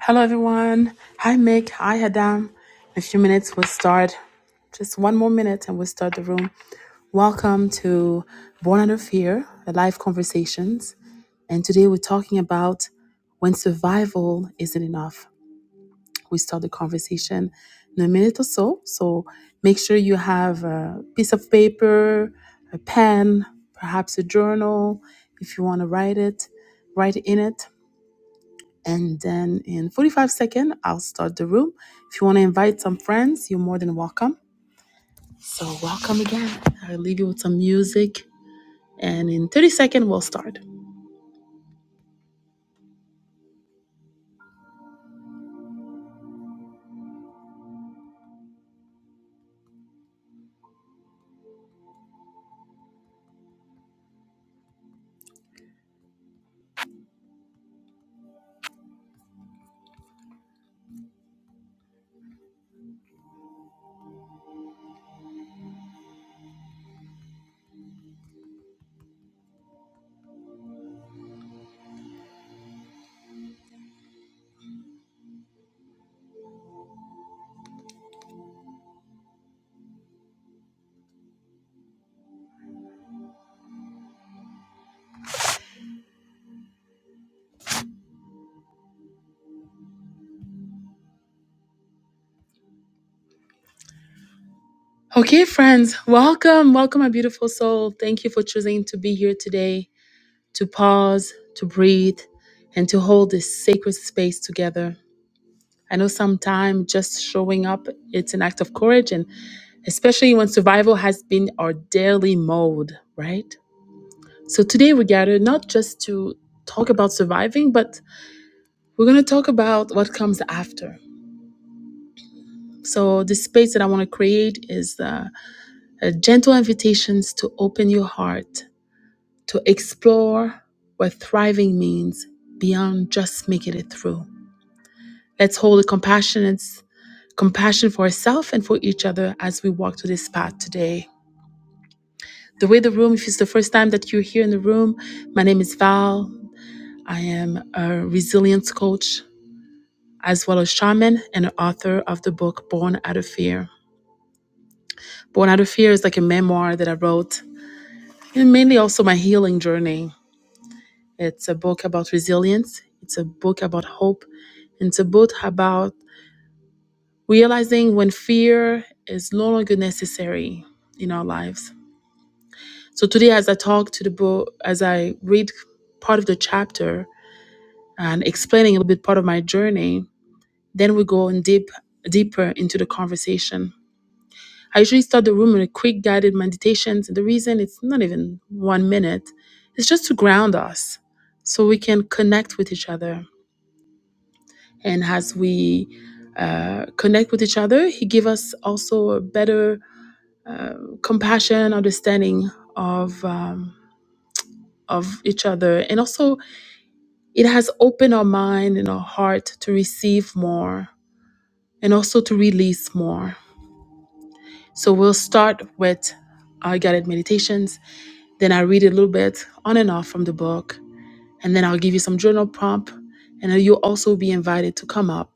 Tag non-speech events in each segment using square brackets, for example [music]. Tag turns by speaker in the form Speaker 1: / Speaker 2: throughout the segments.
Speaker 1: Hello, everyone. Hi, Mick. Hi, Adam. In a few minutes, we'll start. Just one more minute and we'll start the room. Welcome to Born Under Fear, the live conversations. And today we're talking about when survival isn't enough. We start the conversation in a minute or so. So make sure you have a piece of paper, a pen, perhaps a journal if you want to write it, write in it. And then in 45 seconds, I'll start the room. If you want to invite some friends, you're more than welcome. So welcome again. I'll leave you with some music. And in 30 seconds, we'll start. Okay, friends, welcome. Welcome, my beautiful soul. Thank you for choosing to be here today, to pause, to breathe, and to hold this sacred space together. I know sometimes just showing up, it's an act of courage, and especially when survival has been our daily mode, right? So today we gathered not just to talk about surviving, but we're going to talk about what comes after. So the space that I want to create is uh, a gentle invitations to open your heart to explore what thriving means beyond just making it through. Let's hold a compassionate compassion for ourselves and for each other as we walk through this path today. The way the room, if it's the first time that you're here in the room, my name is Val. I am a resilience coach as well as shaman and author of the book Born Out of Fear. Born Out of Fear is like a memoir that I wrote, and mainly also my healing journey. It's a book about resilience, it's a book about hope, and it's a book about realizing when fear is no longer necessary in our lives. So today, as I talk to the book, as I read part of the chapter and explaining a little bit part of my journey, then we go in deep deeper into the conversation I usually start the room with quick guided meditations. And the reason it's not even one minute, it's just to ground us so we can connect with each other. And as we uh, connect with each other, He give us also a better uh, compassion, understanding of um, of each other, and also it has opened our mind and our heart to receive more, and also to release more. So we'll start with our guided meditations Then I read a little bit on and off from the book, and then I'll give you some journal prompt, and then you'll also be invited to come up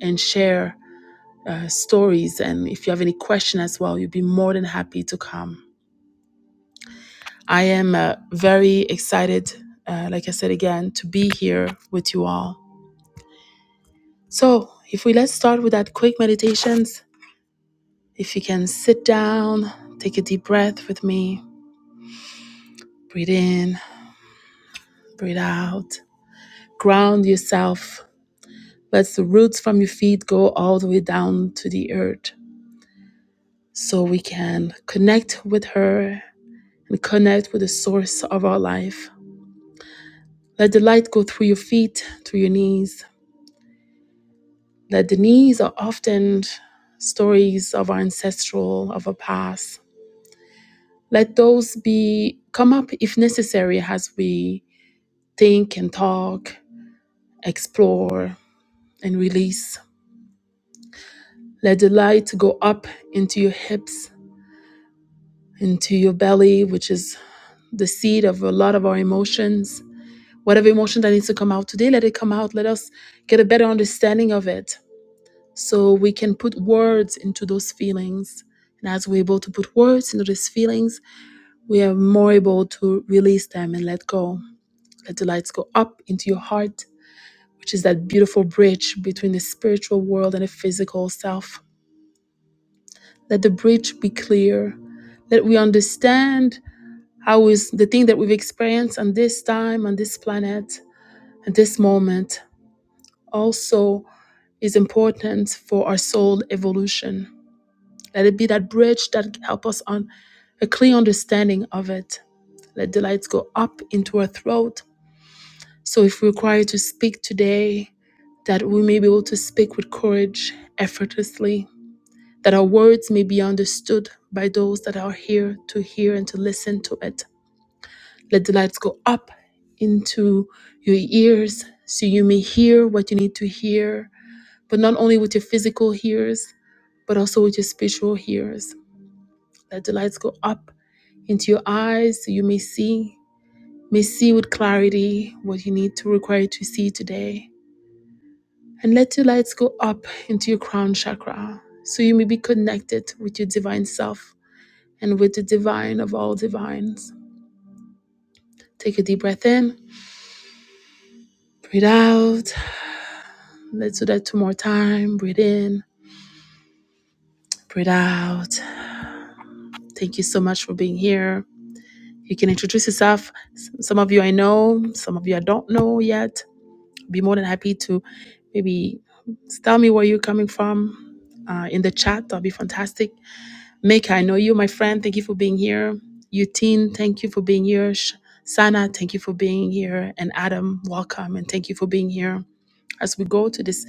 Speaker 1: and share uh, stories. And if you have any question as well, you'll be more than happy to come. I am uh, very excited, uh, like I said again, to be here with you all. So, if we let's start with that quick meditations. If you can sit down, take a deep breath with me, breathe in, breathe out, ground yourself Let the roots from your feet go all the way down to the earth so we can connect with her and connect with the source of our life. Let the light go through your feet, through your knees. That the knees are often stories of our ancestral, of our past. Let those be come up if necessary as we think and talk, explore and release. Let the light go up into your hips, into your belly, which is the seed of a lot of our emotions. Whatever emotion that needs to come out today, let it come out. Let us get a better understanding of it so we can put words into those feelings. And as we're able to put words into these feelings, we are more able to release them and let go. Let the lights go up into your heart, which is that beautiful bridge between the spiritual world and the physical self. Let the bridge be clear. Let we understand how is the thing that we've experienced on this time, on this planet, this moment also is important for our soul evolution. Let it be that bridge that help us on a clear understanding of it. Let the lights go up into our throat. So if we're required to speak today, that we may be able to speak with courage effortlessly, that our words may be understood by those that are here to hear and to listen to it. Let the lights go up into your ears so you may hear what you need to hear but not only with your physical ears, but also with your spiritual ears. Let the lights go up into your eyes so you may see, may see with clarity what you need to require to see today. And let your lights go up into your crown chakra so you may be connected with your divine self and with the divine of all divines. Take a deep breath in, breathe out. Let's do that two more times. Breathe in, breathe out. Thank you so much for being here. You can introduce yourself. Some of you I know, some of you I don't know yet. Be more than happy to maybe tell me where you're coming from uh, in the chat. That'll be fantastic. Meka, I know you, my friend. Thank you for being here. Yutin, thank you for being here. Sh- Sana, thank you for being here. And Adam, welcome and thank you for being here as we go to this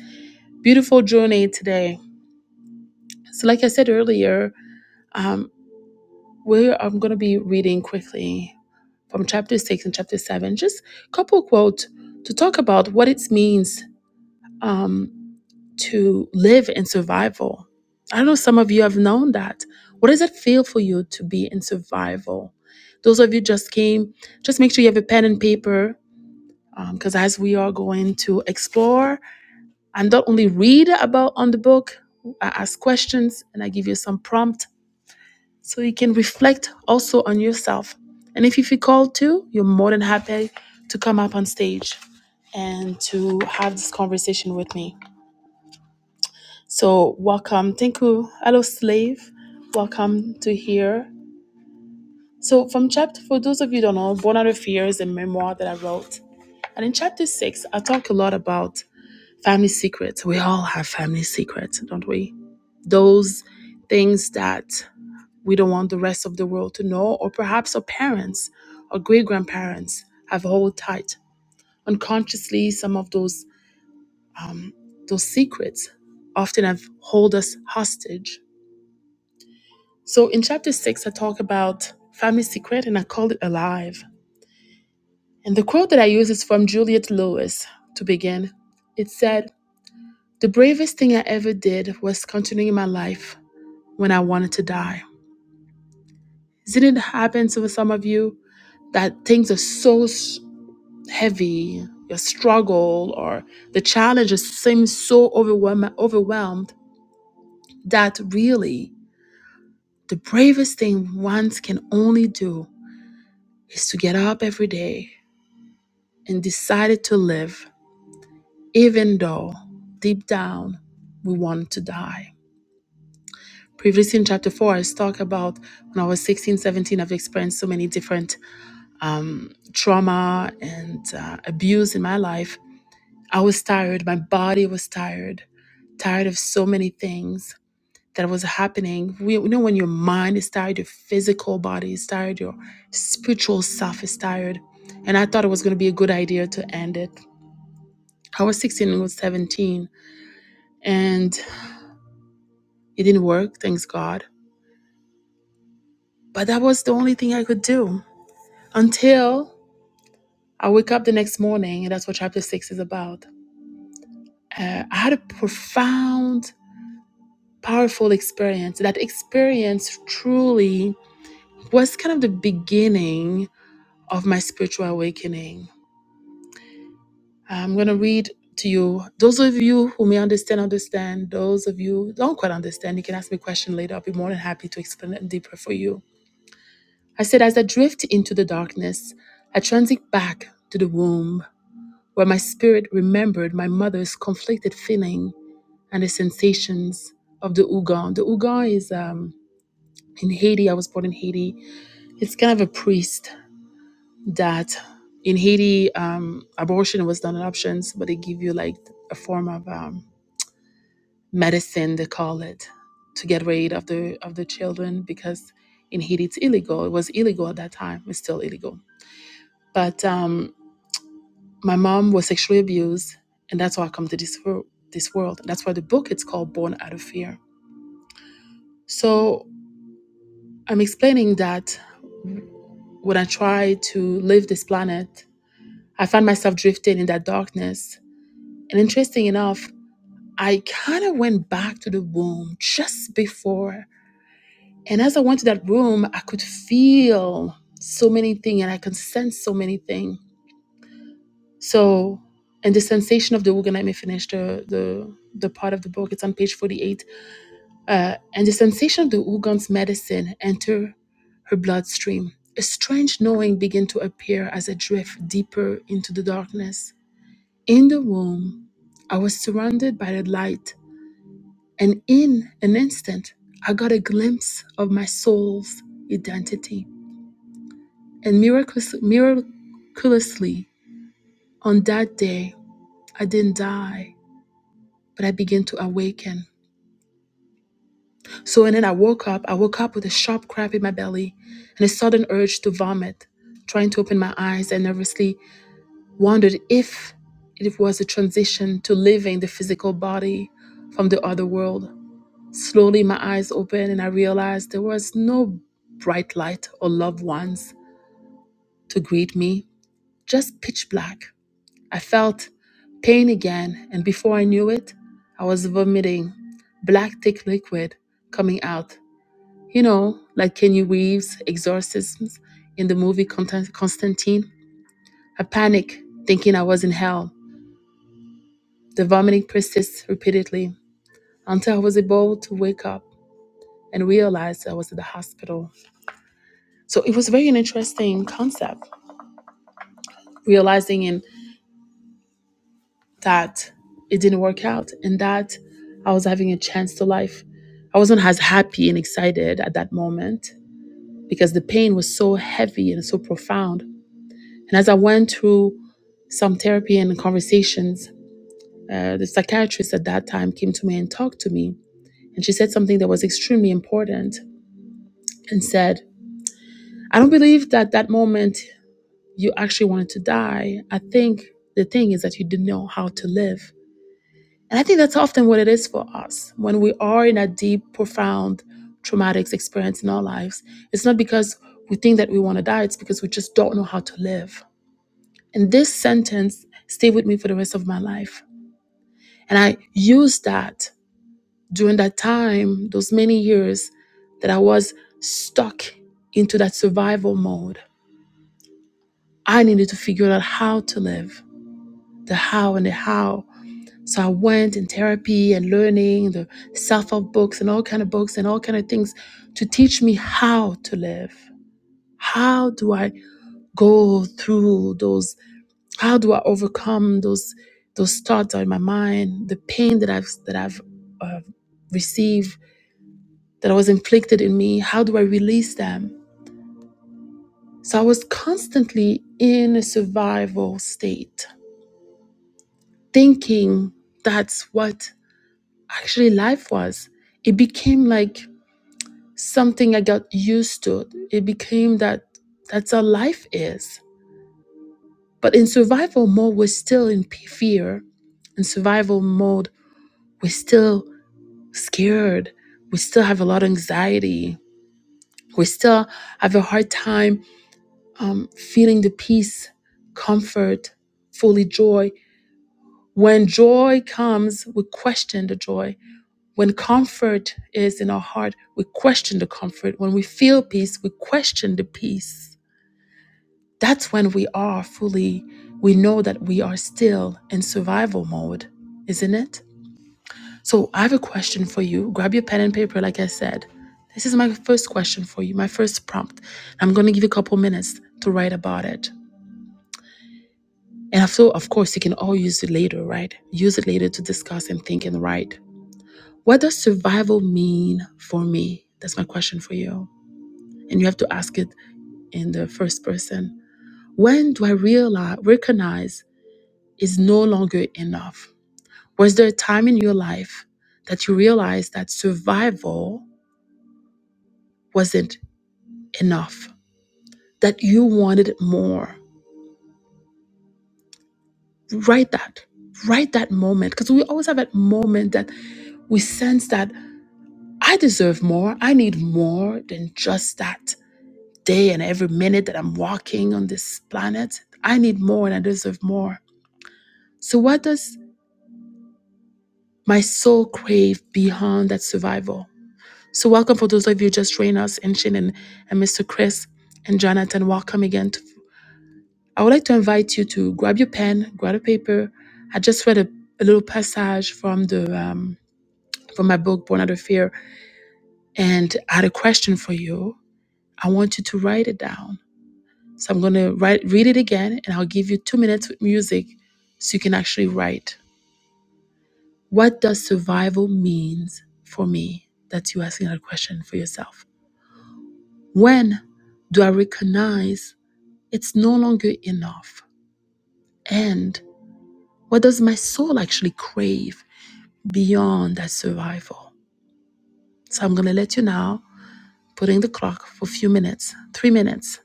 Speaker 1: beautiful journey today. So, like I said earlier, um, we I'm going to be reading quickly from chapter 6 and chapter 7, just couple quote to talk about what it means um, to live in survival. I know some of you have known that. What does it feel for you to be in survival? Those of you just came, just make sure you have a pen and paper because as we are going to explore and not only read about on the book, I ask questions and I give you some prompt so you can reflect also on yourself. And if you feel called to, you're more than happy to come up on stage and to have this conversation with me. So, welcome. Thank you. Hello, slave. Welcome to here. So, from chapter, for those of you who don't know, Born Out of Fear is a memoir that I wrote. And in chapter six, I talk a lot about family secrets. We all have family secrets, don't we? Those things that we don't want the rest of the world to know, or perhaps our parents or great grandparents have held tight unconsciously some of those those secrets often have hold us hostage. So in chapter six, I talk about family secret and I call it alive. And the quote that I use is from Juliet Lewis to begin. It said, The bravest thing I ever did was continuing my life when I wanted to die. Didn't it happen to some of you that things are so heavy, your struggle, or the challenges seem so overwhelm- overwhelmed that really the bravest thing one can only do is to get up every day and decide to live, even though deep down we want to die. Previously in chapter 4, I talked about when I was sixteen, seventeen, I've experienced so many different um, trauma and uh, abuse in my life I was tired. My body was tired, tired of so many things that was happening. We, you know, when your mind is tired, your physical body is tired, your spiritual self is tired. And I thought it was going to be a good idea to end it. I was 16 and was 17, and it didn't work, thanks God. But that was the only thing I could do until I wake up the next morning, and that's what chapter six is about. Uh, I had a profound, powerful experience. That experience truly was kind of the beginning of my spiritual awakening. I'm going to read to you. Those of you who may understand, understand. Those of you who don't quite understand, you can ask me a question later. I'll be more than happy to explain it deeper for you. I said, as I drift into the darkness, I transit back to the womb where my spirit remembered my mother's conflicted feeling and the sensations of the Ugon. The Ugon is um, in Haiti. I was born in Haiti. It's kind of a priest that in Haiti, um, abortion was not an option, but they give you like a form of um, medicine, they call it, to get rid of the of the children because in Haiti it's illegal. It was illegal at that time. It's still illegal. But um, my mom was sexually abused, and that's why I come to this world. This world. That's why the book it's called Born Out of Fear. So I'm explaining that when I try to leave this planet, I find myself drifting in that darkness and interesting enough, I kind of went back to the room just before. And as I went to that room, I could feel so many things and I could sense so many things. So, and the sensation of the organ, let me finish the, the, the part of the book, it's on page 48. Uh, and the sensation of the Ugan's medicine enter her bloodstream. A strange knowing began to appear as I drift deeper into the darkness. In the room, I was surrounded by the light And in an instant, I got a glimpse of my soul's identity. And miraculous, miraculously, on that day, I didn't die, but I began to awaken. So, and then I woke up. I woke up with a sharp cramp in my belly and a sudden urge to vomit, trying to open my eyes. I nervously wondered if it was a transition to living the physical body from the other world. Slowly, my eyes opened and I realized there was no bright light or loved ones to greet me, just pitch black. I felt pain again, and before I knew it, I was vomiting black, thick liquid coming out. You know, like Kenny Reeves' exorcisms in the movie Constan- Constantine. I panicked, thinking I was in hell. The vomiting persists repeatedly until I was able to wake up and realize I was at the hospital. So it was very an interesting concept, realizing in that it didn't work out and that I was having a chance to life. I wasn't as happy and excited at that moment because the pain was so heavy and so profound. And as I went through some therapy and conversations, uh, the psychiatrist at that time came to me and talked to me. And she said something that was extremely important and said, I don't believe that that moment you actually wanted to die. I think the thing is that you didn't know how to live. And I think that's often what it is for us. When we are in a deep, profound, traumatic experience in our lives, it's not because we think that we want to die, it's because we just don't know how to live. And this sentence stayed with me for the rest of my life. And I used that during that time, those many years that I was stuck into that survival mode. I needed to figure out how to live, the how and the how So I went in therapy and learning the self-help books and all kind of books and all kind of things to teach me how to live. How do I go through those? How do I overcome those those thoughts that are in my mind? The pain that I've that I've uh, received that was inflicted in me. How do I release them? So I was constantly in a survival state, thinking that's what actually life was. It became like something I got used to. It became that that's how life is. But in survival mode, we're still in p- fear. In survival mode, we're still scared. We still have a lot of anxiety. We still have a hard time um, feeling the peace, comfort, fully joy. When joy comes, we question the joy. When comfort is in our heart, we question the comfort. When we feel peace, we question the peace That's when we are fully, we know that we are still in survival mode, isn't it? So I have a question for you. Grab your pen and paper, like I said. This is my first question for you, my first prompt. I'm going to give you a couple minutes to write about it. And so, of course, you can all use it later, right? Use it later to discuss and think and write. What does survival mean for me? That's my question for you. And you have to ask it in the first person. When do I realize, recognize? is no longer enough? Was there a time in your life that you realized that survival wasn't enough, that you wanted more? Write that. Write that moment because we always have that moment that we sense that I deserve more. I need more than just that day and every minute that I'm walking on this planet. I need more and I deserve more. So, what does my soul crave beyond that survival? So, welcome for those of you just joining us, and Shannon and Mr. Chris and Jonathan. Welcome again. to- I would like to invite you to grab your pen, grab a paper. I just read a, a little passage from the um, from my book Born Out of Fear, and I had a question for you. I want you to write it down. So I'm going to write read it again, and I'll give you two minutes with music, so you can actually write. What does survival means for me? That's you asking that question for yourself. When do I recognize? It's no longer enough. And what does my soul actually crave beyond that survival? So I'm going to let you now put in the clock for a few minutes, three minutes.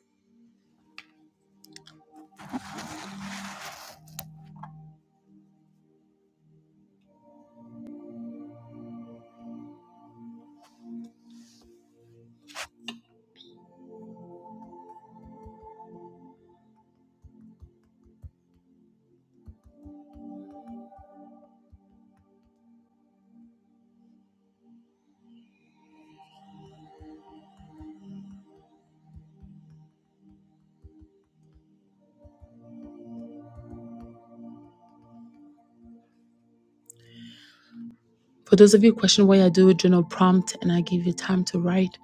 Speaker 1: For those of you who question why I do a journal prompt and I give you time to write,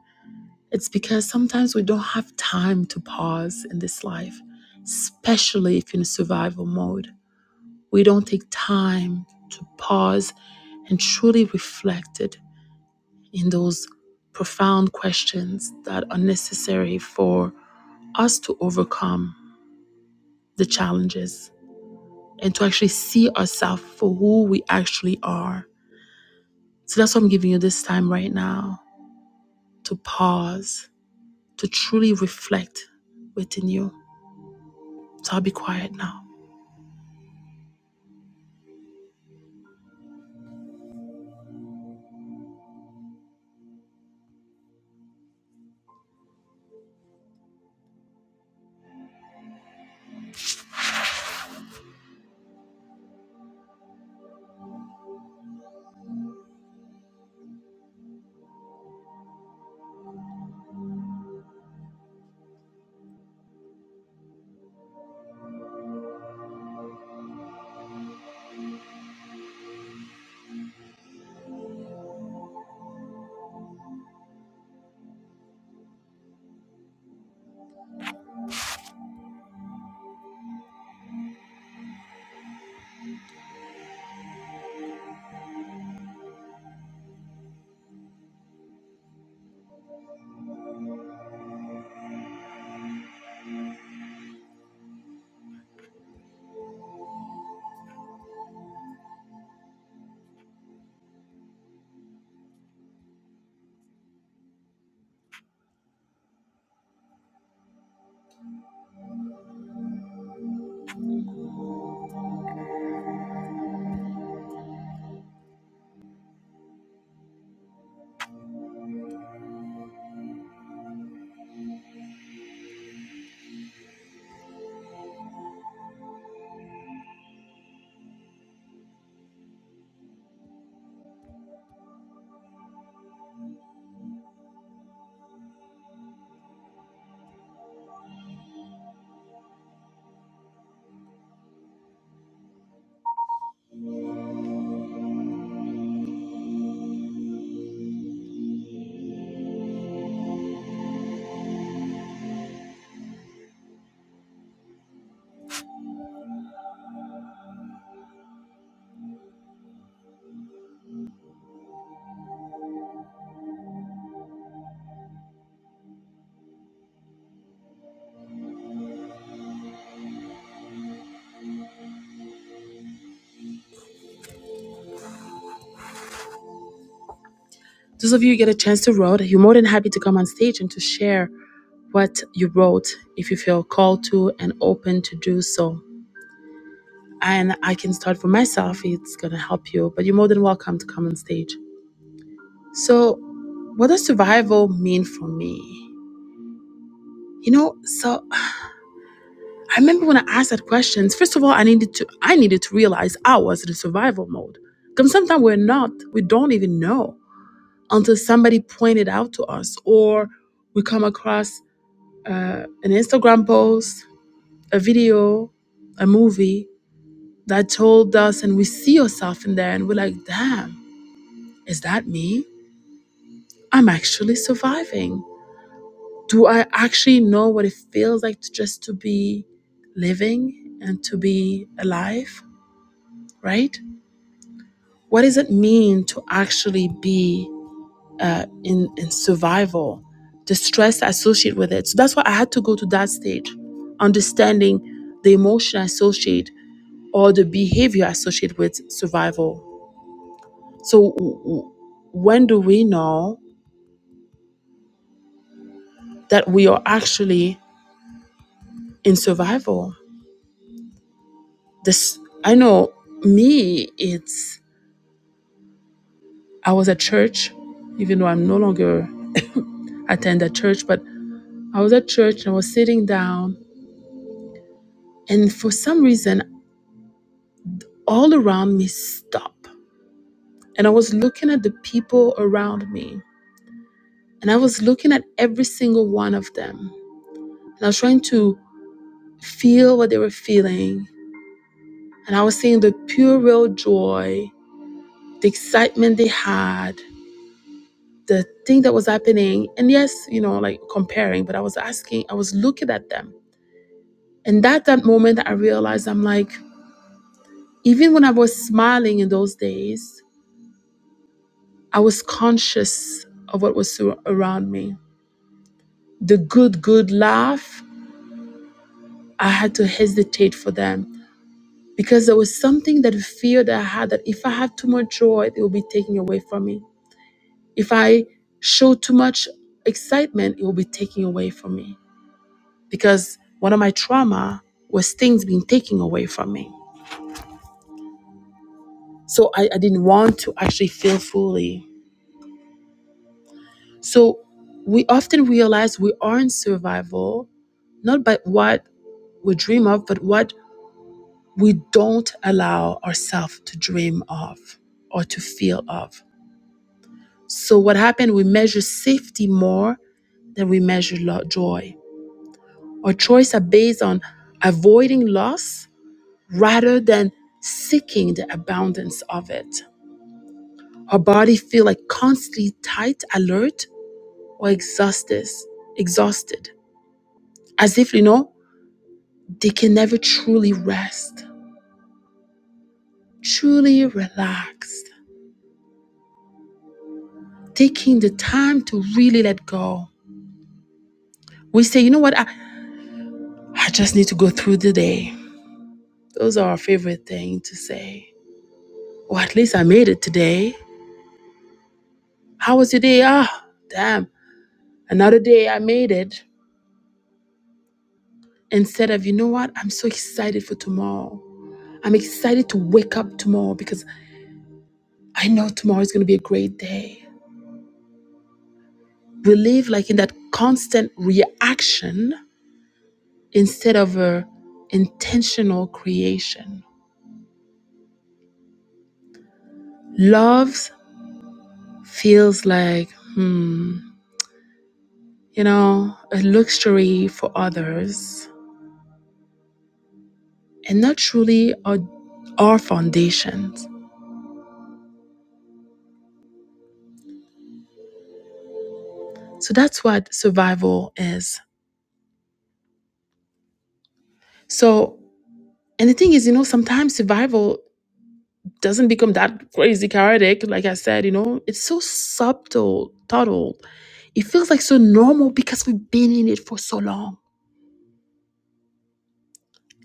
Speaker 1: it's because sometimes we don't have time to pause in this life, especially if you're in survival mode. We don't take time to pause and truly reflect it in those profound questions that are necessary for us to overcome the challenges and to actually see ourselves for who we actually are. So that's what I'm giving you this time right now to pause, to truly reflect within you. So I'll be quiet now. Those of you who get a chance to write, you're more than happy to come on stage and to share what you wrote if you feel called to and open to do so. and I can start for myself. It's going to help you, but you're more than welcome to come on stage. So, what does survival mean for me? You know, so I remember when I asked that question, first of all, I needed to I needed to realize I was in a survival mode. Because sometimes we're not, we don't even know until somebody pointed out to us or we come across uh, an Instagram post, a video, a movie that told us and we see yourself in there and we're like, damn, is that me? I'm actually surviving? Do I actually know what it feels like to just to be living and to be alive, right? What does it mean to actually be uh, in, in survival? The stress associated with it. So that's why I had to go to that stage, understanding the emotion associated or the behavior associated with survival. So w- w- when do we know that we are actually in survival? this i know me it's i was at church even though i'm no longer attend a church but i was at church and i was sitting down and for some reason all around me stopped and i was looking at the people around me and i was looking at every single one of them and i was trying to feel what they were feeling and i was seeing the pure real joy the excitement they had the thing that was happening and yes you know like comparing but i was asking i was looking at them and that that moment i realized i'm like even when i was smiling in those days i was conscious of what was sur- around me the good good laugh i had to hesitate for them because there was something that fear that i had that if i have too much joy it will be taken away from me if i show too much excitement it will be taken away from me because one of my trauma was things being taken away from me. So I, I didn't want to actually feel fully. So we often realize we are in survival, not by what we dream of, but what we don't allow ourselves to dream of or to feel of. So what happened? We measure safety more than we measure lo- joy. Our choices are based on avoiding loss rather than seeking the abundance of it. Our body feel like constantly tight, alert, or exhausted, exhausted, as if you know they can never truly rest, truly relaxed, taking the time to really let go. We say, you know what, I, I just need to go through the day. Those are our favorite thing to say. Or at least I made it today. How was your day? Ah, damn, another day I made it. instead of, you know what, I'm so excited for tomorrow. I'm excited to wake up tomorrow because I know tomorrow is going to be a great day. We live like in that constant reaction instead of a intentional creation. Love feels like, hmm, you know, a luxury for others and not truly our, our foundations. So that's what survival is. So, and the thing is, you know, sometimes survival doesn't become that crazy chaotic. Like I said, you know, it's so subtle, subtle. It feels like so normal because we've been in it for so long.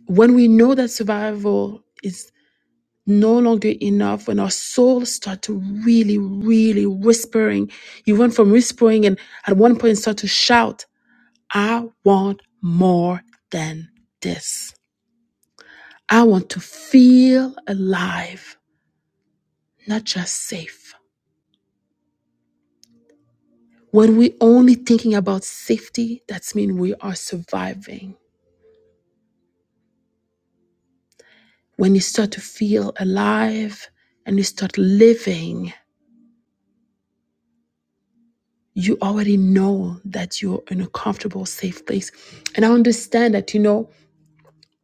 Speaker 1: When we know that survival is no longer enough, when our souls start to really, really whispering, you went from whispering and at one point start to shout, I want more than this. I want to feel alive, not just safe. When we only thinking about safety, that's mean we are surviving. When you start to feel alive and you start living, you already know that you're in a comfortable, safe place. And I understand that, you know,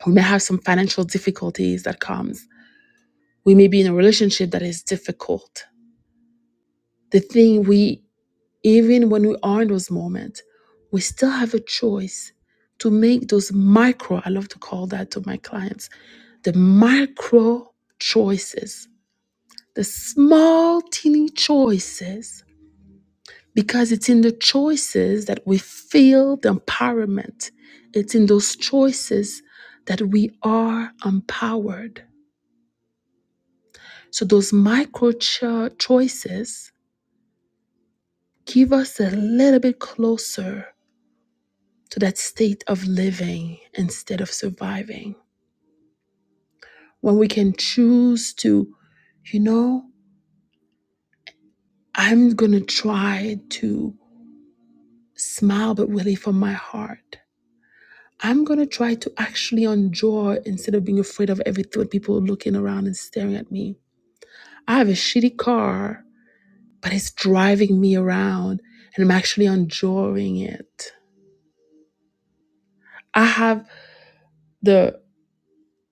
Speaker 1: we may have some financial difficulties that comes. We may be in a relationship that is difficult. The thing we, even when we are in those moments, we still have a choice to make those micro, I love to call that to my clients, the micro choices, the small, teeny choices, because it's in the choices that we feel the empowerment. It's in those choices that we are empowered. So, those micro cho- choices give us a little bit closer to that state of living instead of surviving. When we can choose to, you know, I'm going to try to smile, but really from my heart. I'm going to try to actually enjoy instead of being afraid of every thought, people looking around and staring at me. I have a shitty car, but it's driving me around and I'm actually enjoying it. I have the,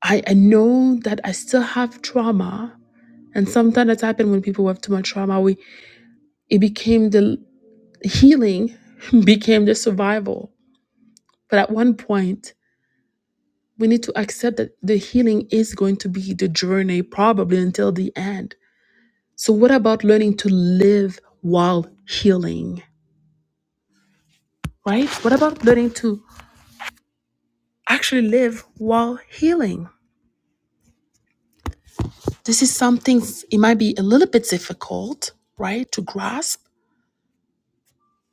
Speaker 1: I, I know that I still have trauma. And sometimes that's happened when people have too much trauma. We, it became the healing [laughs] became the survival. But at one point, we need to accept that the healing is going to be the journey probably until the end. So, what about learning to live while healing, right? What about learning to actually live while healing? This is something, it might be a little bit difficult, right, to grasp,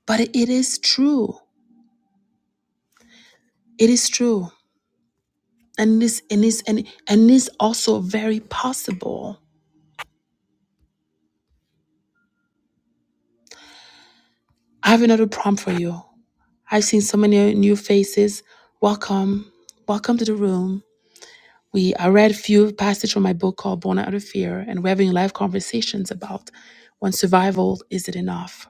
Speaker 1: but it is true. It is true. And this and this and and is also very possible. I have another prompt for you. I've seen so many new faces. Welcome. Welcome to the room. We I read a few passages from my book called Born Out of Fear, and we're having live conversations about when survival is it enough.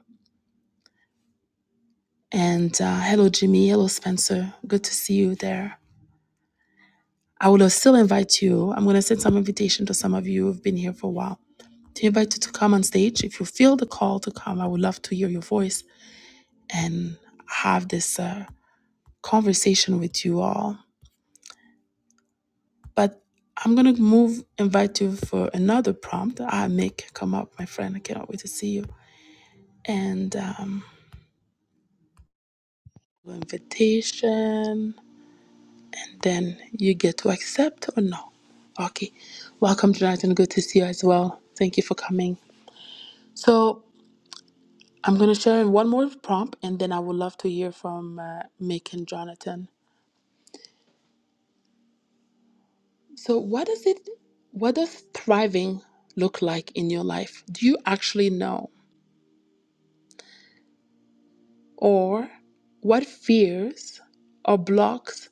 Speaker 1: And uh, hello, Jimmy. Hello, Spencer. Good to see you there. I will still invite you. I'm going to send some invitation to some of you who've been here for a while to invite you to come on stage. If you feel the call to come, I would love to hear your voice and have this uh, conversation with you all. But I'm gonna move invite you for another prompt. Ah, Nick, come up, my friend. I cannot wait to see you. and um, invitation. Then you get to accept or no. Okay. Welcome, Jonathan. Good to see you as well. Thank you for coming. So I'm going to share one more prompt, and then I would love to hear from uh, Mick and Jonathan. So, what does it? What does thriving look like in your life? Do you actually know, or what fears or blocks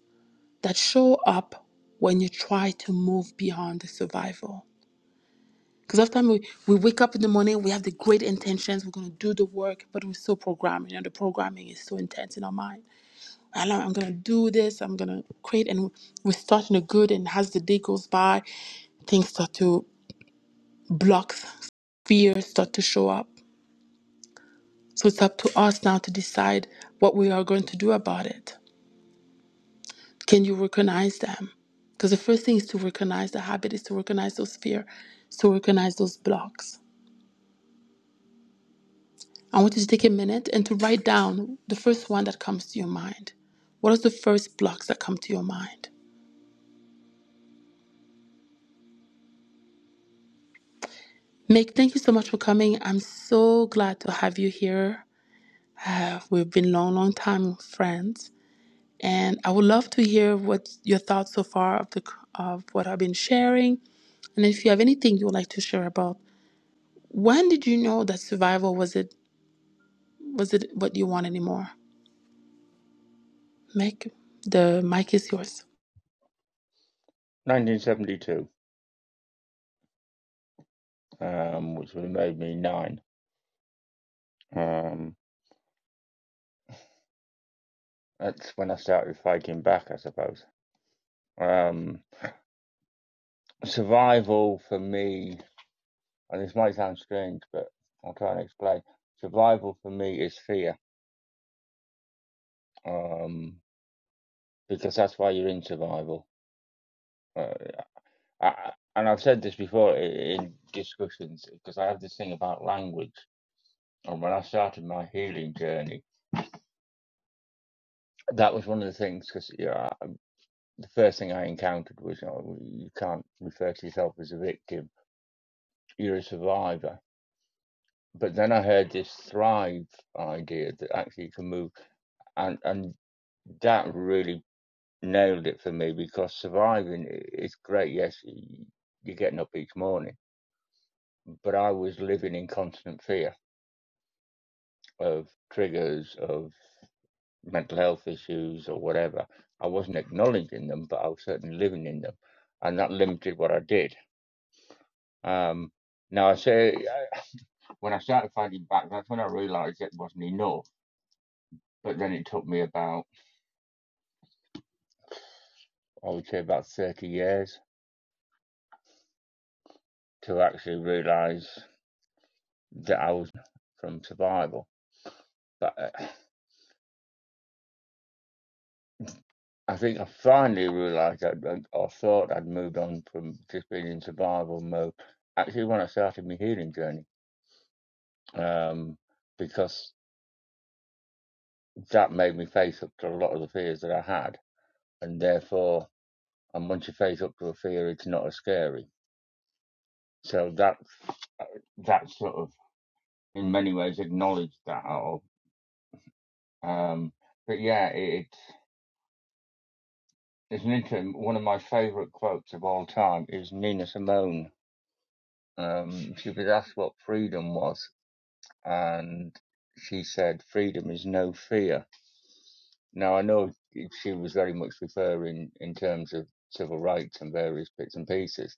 Speaker 1: that show up when you try to move beyond the survival? Because after we, we wake up in the morning, we have the great intentions, we're going to do the work, but we're still programming, and the programming is so intense in our mind. I like, I'm going to do this, I'm going to create, and we start in the good, and as the day goes by, things start to block, fears start to show up. So it's up to us now to decide what we are going to do about it. Can you recognize them? Because the first thing is to recognize the habit, is to recognize those fears, is to recognize those blocks. I want you to take a minute and to write down the first one that comes to your mind. What are the first blocks that come to your mind? Mick, thank you so much for coming. I'm so glad to have you here. Uh, we've been long, long time friends, and I would love to hear what your thoughts so far of the of what I've been sharing, and if you have anything you would like to share about. When did you know that survival was it was it what you want anymore? Mick, the mic is yours.
Speaker 2: 1972, um, which would have made me nine. Um, that's when I started fighting back, I suppose. Um, survival for me, and this might sound strange, but I'll try and explain. Survival for me is fear, um, because that's why you're in survival. Uh, I, and I've said this before in discussions, because I have this thing about language. And when I started my healing journey, that was one of the things, because you know, the first thing I encountered was oh, you can't refer to yourself as a victim, you're a survivor. But then I heard this thrive idea that actually you can move, and, and that really nailed it for me because surviving is great. Yes, you're getting up each morning, but I was living in constant fear of triggers, of mental health issues, or whatever. I wasn't acknowledging them, but I was certainly living in them, and that limited what I did. Um, now I say when I started fighting back, that's when I realised it wasn't enough. But then it took me about I would say about thirty years to actually realise that I was from survival. But uh, I think I finally realised that that- or thought I'd moved on from just being in survival mode. Actually, when I started my healing journey, um, because that made me face up to a lot of the fears that I had, and therefore, and once you face up to a fear, it's not as scary So that's that sort of in many ways acknowledged that all. Um, but yeah, it, it's an interesting. One of my favourite quotes of all time is Nina Simone. Um, she was asked what freedom was, and she said, "Freedom is no fear." Now I know she was very much referring in terms of civil rights and various bits and pieces,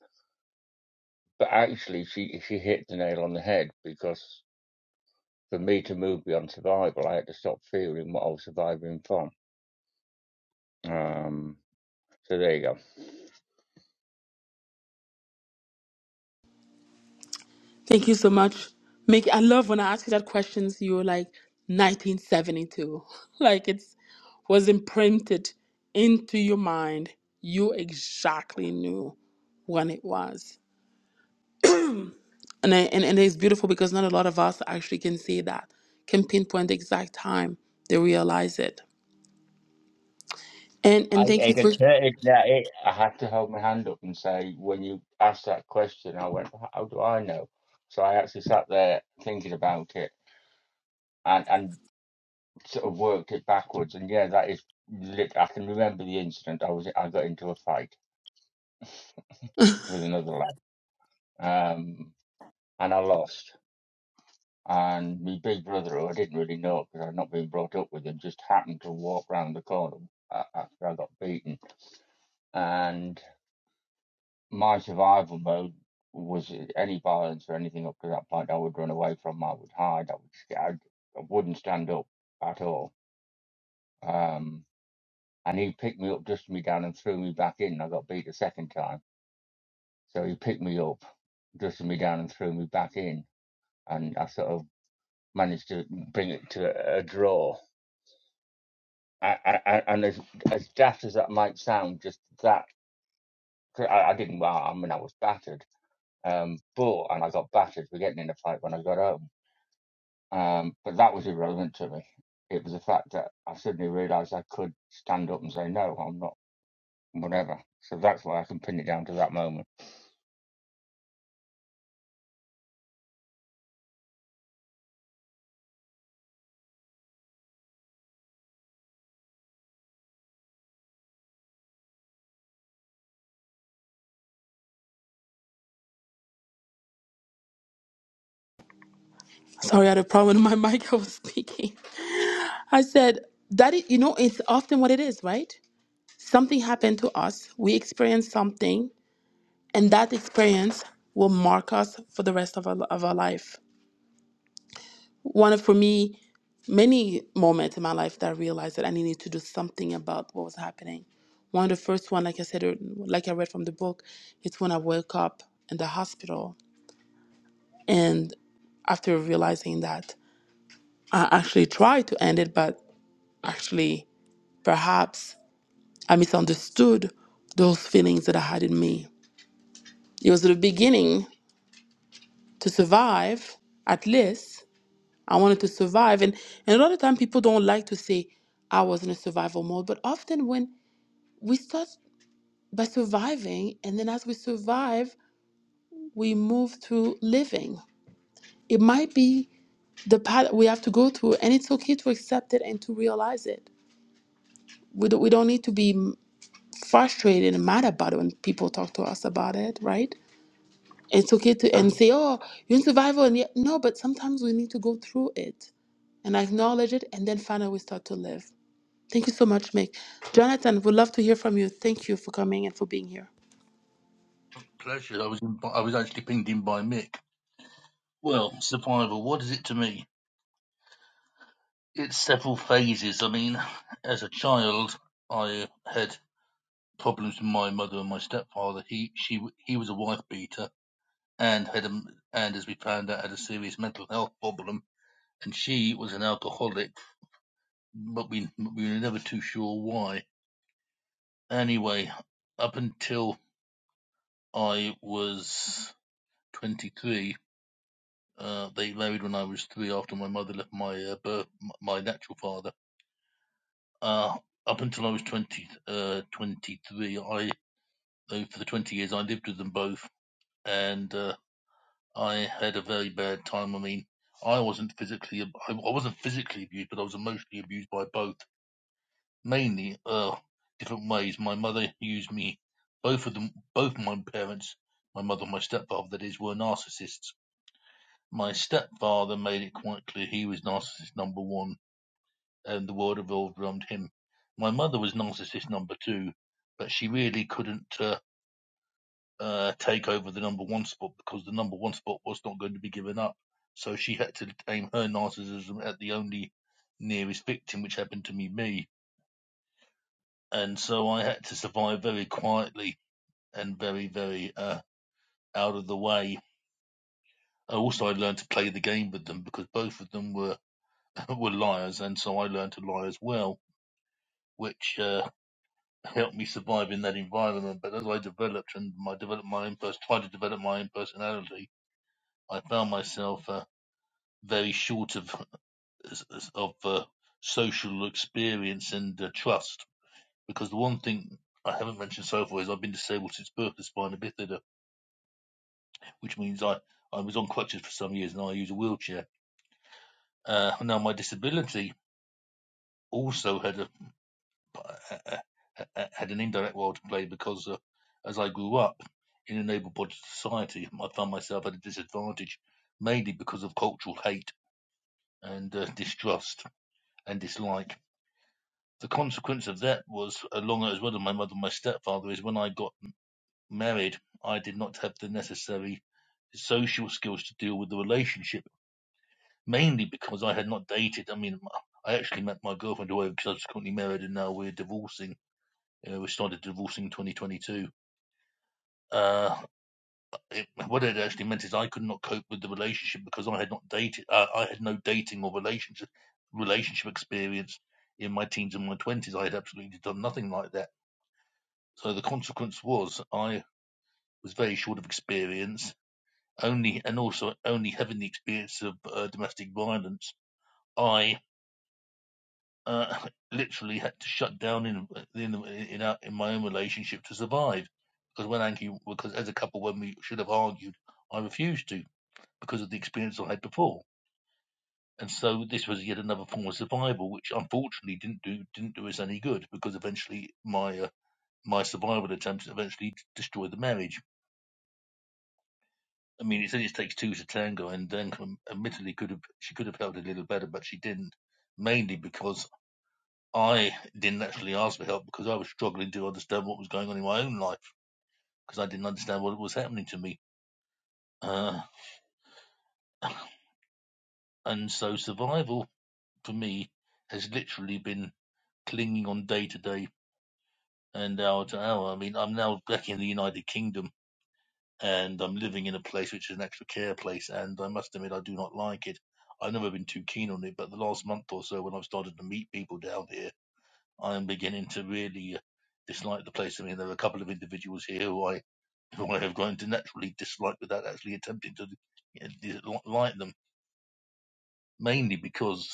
Speaker 2: but actually she she hit the nail on the head because for me to move beyond survival, I had to stop fearing what I was surviving from Um, so there you go.
Speaker 1: Thank you so much. Make I love when I ask you that questions. You were like 1972, [laughs] like it's was imprinted into your mind. You exactly knew when it was, and I, and and it's beautiful because not a lot of us actually can say that, can pinpoint the exact time they realize it. And
Speaker 2: I,
Speaker 1: and thank you
Speaker 2: it
Speaker 1: for.
Speaker 2: occurred that it, I had to hold my hand up and say, when you asked that question, I went, how do I know? So I actually sat there thinking about it and, and sort of worked it backwards. And yeah, that is lit. I can remember the incident. I was I got into a fight with another lad, um, and I lost. And my big brother, who I didn't really know because I'd not been brought up with him, just happened to walk round the corner a- after I got beaten and. my survival mode was any violence or anything up to that point, I would run away from. I would hide. I would. st- I, I wouldn't stand up at all. Um, and he picked me up, dusted me down, and threw me back in. I got beat a second time, so he picked me up, dusted me down, and threw me back in. And I sort of managed to bring it to a draw. I, I, I- and as as daft as that might sound, just that I, I didn't. Well, I mean, I was battered. Um, but and I got battered for getting in a fight when I got home Um, but that was irrelevant to me. It was the fact that I suddenly realised I could stand up and say, no, I'm not, whatever. So that's why I can pin it down to that moment.
Speaker 1: Sorry, I had a problem with my mic. [laughs] I was speaking. I said that it, you know it's often what it is, right? Something happened to us. We experienced something And that experience will mark us for the rest of our, of our life. One of, for me, many moments in my life that I realized that I needed to do something about what was happening. One of the first one, like I said, er, like I read from the book, it's when I woke up in the hospital. And after realizing that, I actually tried to end it, but actually, perhaps I misunderstood those feelings that I had in me. It was at the beginning to survive, at least, I wanted to survive. And, and a lot of time people don't like to say I was in a survival mode, but often when we start by surviving, and then as we survive, we move to living. It might be the path we have to go through, and it's okay to accept it and to realize it. We don't, we don't need to be frustrated and mad about it when people talk to us about it, right? It's okay to and say, "Oh, you're in survival," and yet no. But sometimes we need to go through it and acknowledge it, and then finally we start to live. Thank you so much, Mick. Jonathan, would love to hear from you. Thank you for coming and for being here.
Speaker 3: Pleasure. I was in, I was actually pinged in by Mick. Well, survival. What is it to me? It's several phases. I mean, [laughs] as a child, I had problems with my mother and my stepfather. He she he was a wife beater and had a, and as we found out had a serious mental health problem. And she was an alcoholic, but we we were never too sure why. Anyway, up until I was 23 Uh, they married when I was three after my mother left my uh, birth, my natural father. Uh, up until I was 20, uh, 23, I, uh, for the 20 years, I lived with them both and, uh, I had a very bad time. I mean, I wasn't physically, I I wasn't physically abused, but I was emotionally abused by both, mainly, uh, different ways. My mother used me, both of them, both my parents, my mother and my stepfather, that is, were narcissists. My stepfather made it quite clear he was narcissist number one and the world revolved around him. My mother was narcissist number two, but she really couldn't uh, uh, take over the number one spot because the number one spot was not going to be given up. So she had to aim her narcissism at the only nearest victim, which happened to be me. And so I had to survive very quietly and very, very uh, out of the way. Also, I learned to play the game with them because both of them were [laughs] were liars, and so I learned to lie as well, which uh, helped me survive in that environment. But as I developed and my developed my own pers- tried to develop my own personality, I found myself uh, very short of [laughs] of uh, social experience and uh, trust. Because the one thing I haven't mentioned so far is I've been disabled since birth with spina bifida, which means I, I was on crutches for some years and I use a wheelchair. Uh, now my disability also had a [laughs] but I, I, I had an indirect role to play because uh, as I grew up in a able-bodied society, [laughs] I found myself at a disadvantage, mainly because of cultural hate and uh, [laughs] distrust and dislike. The consequence of that was, along as well as my mother and my stepfather, is when I got married, I did not have the necessary social skills to deal with the relationship, mainly because I had not dated. I mean, I actually met my girlfriend who I subsequently married, and now we're divorcing. Uh, we started divorcing in 2022 Uh, it, what it actually meant is I could not cope with the relationship because I had not dated. Uh, I had no dating or relationship relationship experience in my teens and my twenties. I had absolutely done nothing like that. So the consequence was I was very short of experience. Only and also only having the experience of uh, domestic violence, I uh, [laughs] literally had to shut down in in in, our, in my own relationship to survive. Because when Anki, because as a couple, when we should have argued, I refused to. because of the experience I had before. And so this was yet another form of survival, which unfortunately didn't do didn't do us any good because eventually my uh, my survival attempts eventually destroyed the marriage. I mean, it only takes two to tango, and then admittedly could have she could have helped a little better, but she didn't, mainly because I didn't actually ask for help because I was struggling to understand what was going on in my own life because I didn't understand what was happening to me. Uh, and so survival for me has literally been clinging on day to day And uh, I don't know. I mean, I'm now back in the United Kingdom and I'm living in a place which is an extra care place. And I must admit, I do not like it. I've never been too keen on it, but the last month or so, when I've started to meet people down here, I am beginning to really uh, dislike the place. I mean, there are a couple of individuals here who I, who I have grown to naturally dislike without actually attempting to uh, dis- like them, mainly because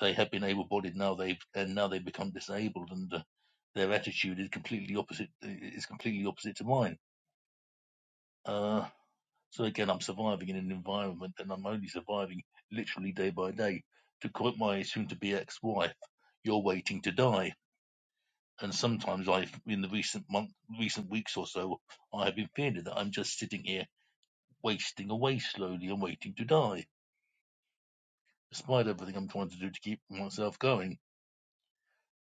Speaker 3: they have been able-bodied now they've and now they've become disabled, and uh, their attitude is completely opposite is completely opposite to mine Uh, so again, I'm surviving in an environment and I'm only surviving literally day by day. To quote my soon to be ex wife, you're waiting to die. And sometimes I've, in the recent month, recent weeks or so, I have been feeling that I'm just sitting here wasting away slowly and waiting to die, despite everything I'm trying to do to keep myself going.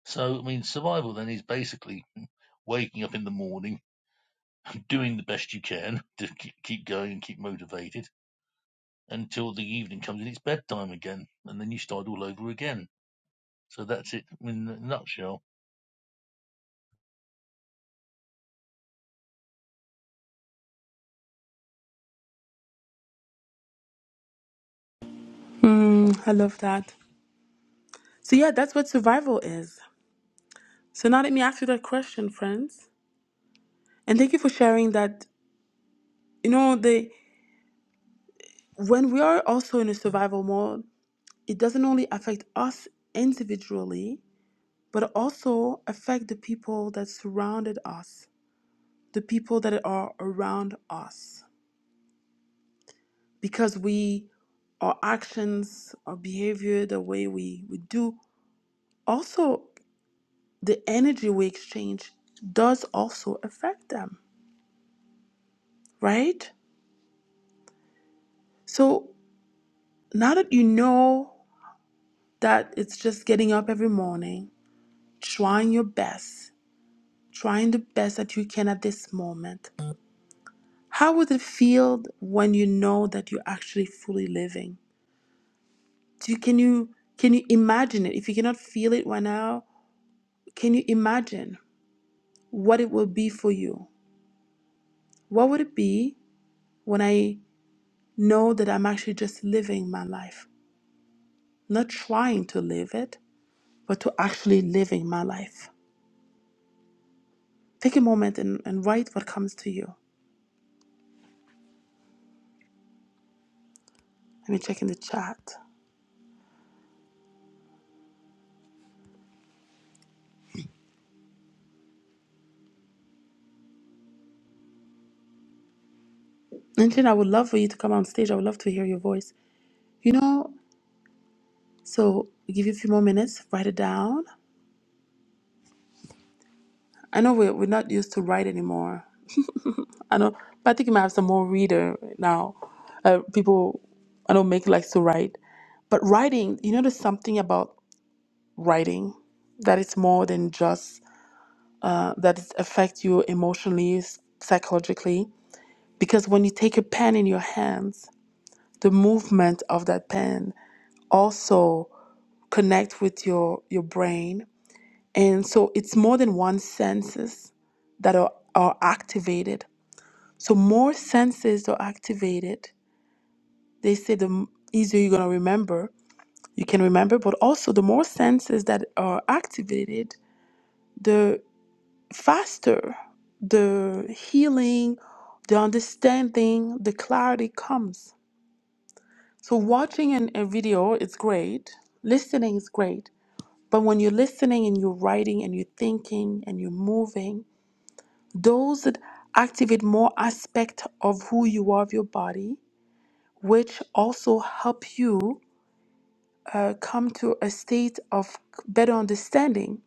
Speaker 3: So, I mean, survival then is basically waking up in the morning, doing the best you can to keep keep going and keep motivated until the evening comes and it's bedtime again, and then you start all over again. So that's it in a nutshell.
Speaker 1: Hmm, I love that. So, yeah, that's what survival is. So, now let me ask you that question, friends. And thank you for sharing that. You know, the when we are also in a survival mode, it doesn't only affect us individually, but also affect the people that surrounded us, the people that are around us. Because we, our actions, our behavior, the way we, we do also the energy we exchange does also affect them, right? So now that you know that it's just getting up every morning, trying your best, trying the best that you can at this moment, how would it feel when you know that you're actually fully living? Do you, can you can you imagine it? If you cannot feel it right now, can you imagine what it will be for you? What would it be when I know that I'm actually just living my life, not trying to live it, but to actually living my life. Take a moment and, and write what comes to you. Let me check in the chat. And Jen, I would love for you to come on stage. I would love to hear your voice. You know, so I'll give you a few more minutes, write it down. I know we're, we're not used to write anymore. I know, but I think you might have some more reader now. Uh, people, I know, make likes to write. But writing, you know, there's something about writing that it's more than just uh, that affect you emotionally, s- psychologically. Because when you take a pen in your hands, the movement of that pen also connect with your your brain, and so it's more than one senses that are, are activated. So more senses are activated. They say the m- easier you're gonna remember. You can remember, but also the more senses that are activated, faster the healing, the understanding, the clarity comes. So, watching an, a video is great, listening is great, but when you're listening and you're writing and you're thinking and you're moving, those that activate more aspect of who you are of your body, which also help you uh, come to a state of better understanding.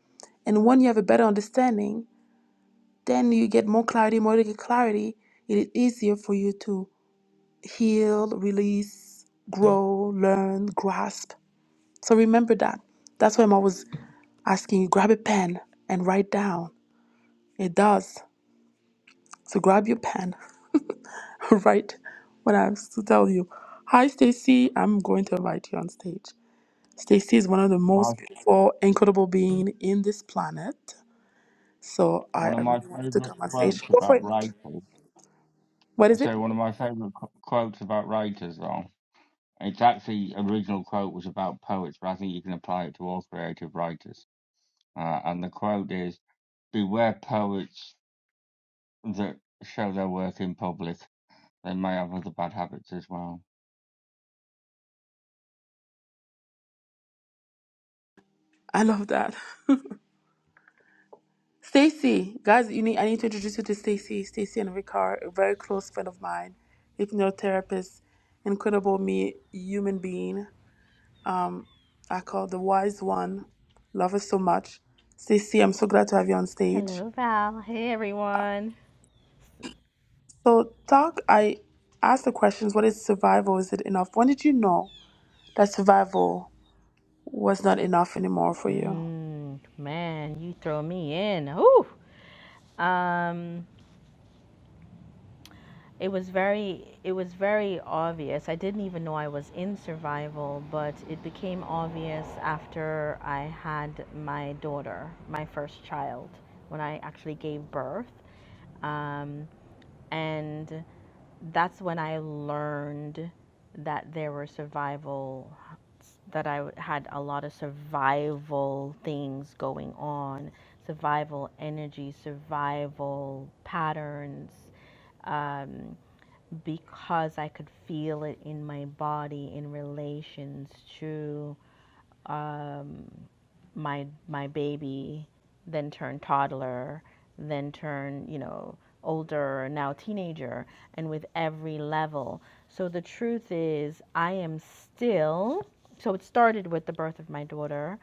Speaker 1: And when you have a better understanding, Then you get more clarity, more you get clarity. It is easier for you to heal, release, grow, learn, grasp. So remember that. That's why I'm always asking you grab a pen and write down. It does. So grab your pen, [laughs] write what I have to tell you. Hi, Stacy. I'm going to invite you on stage. Stacy is one of the
Speaker 2: My
Speaker 1: most beautiful, incredible being in this planet. So I
Speaker 2: One of
Speaker 1: I
Speaker 2: my
Speaker 1: really wanted to
Speaker 2: favourite
Speaker 1: come on stage.
Speaker 2: quotes
Speaker 1: Go for
Speaker 2: about
Speaker 1: it, Nick.
Speaker 2: writers,
Speaker 1: What
Speaker 2: I
Speaker 1: is
Speaker 2: say
Speaker 1: it?
Speaker 2: one of my favourite qu- quotes about writers, though, it's actually original quote was about poets, but I think you can apply it to all creative writers. Uh, and the quote is, beware poets that show their work in public. They may have other bad habits as well.
Speaker 1: I love that. [laughs] Stacy, guys, you need I need to introduce you to Stacy. Stacy and Ricard, a very close friend of mine, hypnotherapist, incredible me human being. Um, I call the wise one. Love her so much. Stacy, I'm so glad to have you on stage.
Speaker 4: Hello, Val. Hey, everyone.
Speaker 1: So, Doc, I asked the questions: What is survival? Is it enough? When did you know that survival was not enough anymore for you?
Speaker 4: Mm, man, you throw me in. Ooh. Um, it was very, it was very obvious. I didn't even know I was in survival, but it became obvious after I had my daughter, my first child, when I actually gave birth. Um, and that's when I learned that there were survival that I had a lot of survival things going on, survival energy, survival patterns, um, because I could feel it in my body in relations to my my baby, then turn toddler, then turn you know older, now teenager, and with every level. So the truth is, I am still. So it started with the birth of my daughter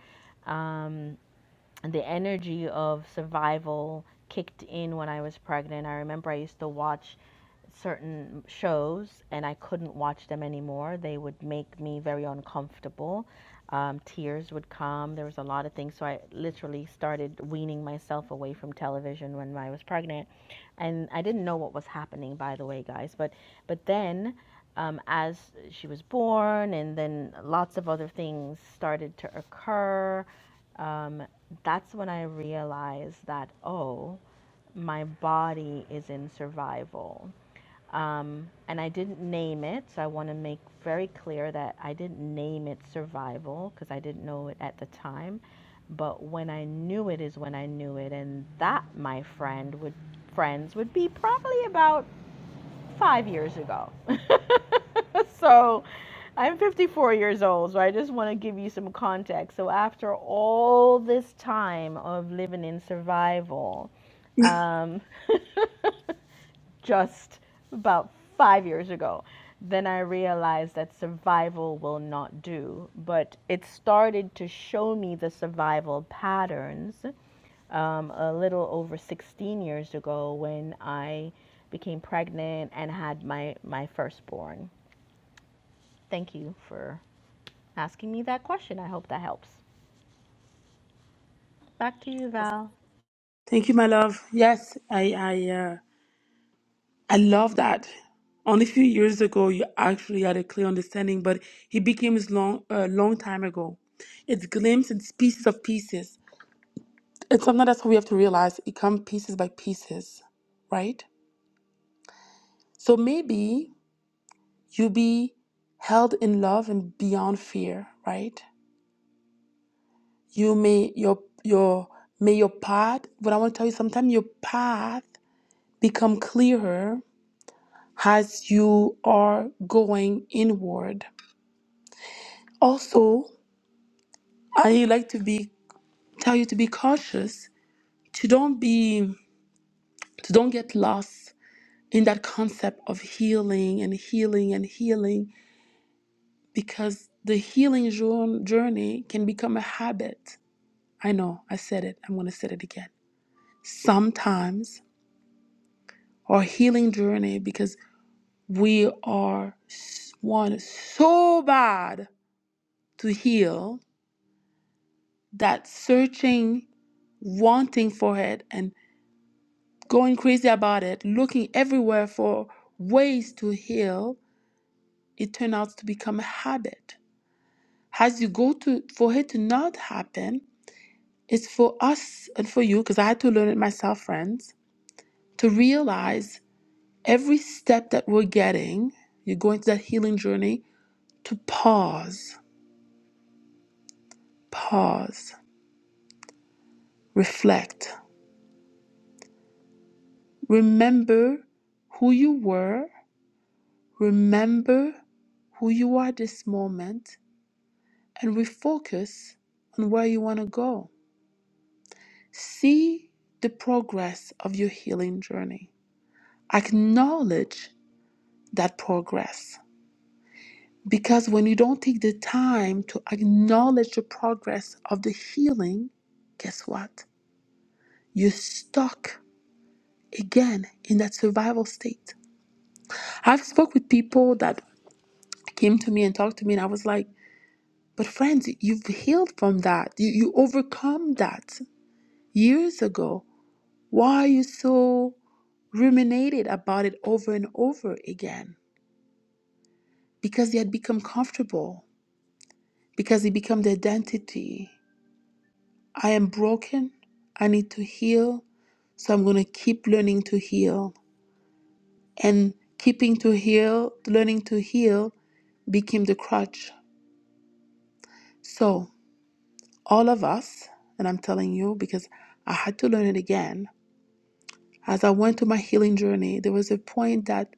Speaker 4: the energy of survival kicked in when I was pregnant. I remember I used to watch certain shows and I couldn't watch them anymore. They would make me very uncomfortable. Um, tears would come. There was a lot of things. So I literally started weaning myself away from television when I was pregnant. And I didn't know what was happening, by the way, guys. But, but then um, as she was born, and then lots of other things started to occur Um, that's when I realized that, oh, my body is in survival. Um, and I didn't name it, so I want to make very clear that I didn't name it survival because I didn't know it at the time. But when I knew it is when I knew it, and that, my friend, would friends would be probably about five years ago. [laughs] so I'm 54 years old, so I just want to give you some context. So after all this time of living in survival, um, [laughs] just about five years ago. Then I realized that survival will not do, but it started to show me the survival patterns um, a little over 16 years ago when I became pregnant and had my, my firstborn. Thank you for asking me that question. I hope that helps. Back to you, Val.
Speaker 1: Thank you, my love. Yes, I I uh, I love that. Only a few years ago, you actually had a clear understanding, but he became this long, uh, long time ago. It's glimpses, it's pieces of pieces. It's something that's what we have to realize. It comes pieces by pieces, right? So maybe you be held in love and beyond fear, right? You may your your may your path. But I want to tell you, sometimes your path become clearer as you are going inward. Also, I like to be tell you to be cautious, to don't be to don't get lost in that concept of healing and healing and healing because the healing jour- journey can become a habit. I know, I said it. I'm going to say it again. Sometimes our healing journey because we are s- want so bad to heal that searching, wanting for it and going crazy about it, looking everywhere for ways to heal, it turned out to become a habit. As you go to, for it to not happen, it's for us and for you, because I had to learn it myself, friends, to realize every step that we're getting, you go into that healing journey, to pause, pause, reflect, remember who you were, remember who you are this moment, and refocus on where you want to go. See the progress of your healing journey. Acknowledge that progress because when you don't take the time to acknowledge the progress of the healing, guess what? You're stuck again in that survival state. I've spoke with people that came to me and talked to me and I was like, "But friends, you've healed from that. You you overcome that years ago. Why are you so ruminated about it over and over again? Because they had become comfortable, because it became the identity. I am broken. I need to heal. So I'm going to keep learning to heal. And keeping to heal, learning to heal became the crutch. So, all of us, and I'm telling you because I had to learn it again, as I went through my healing journey, there was a point that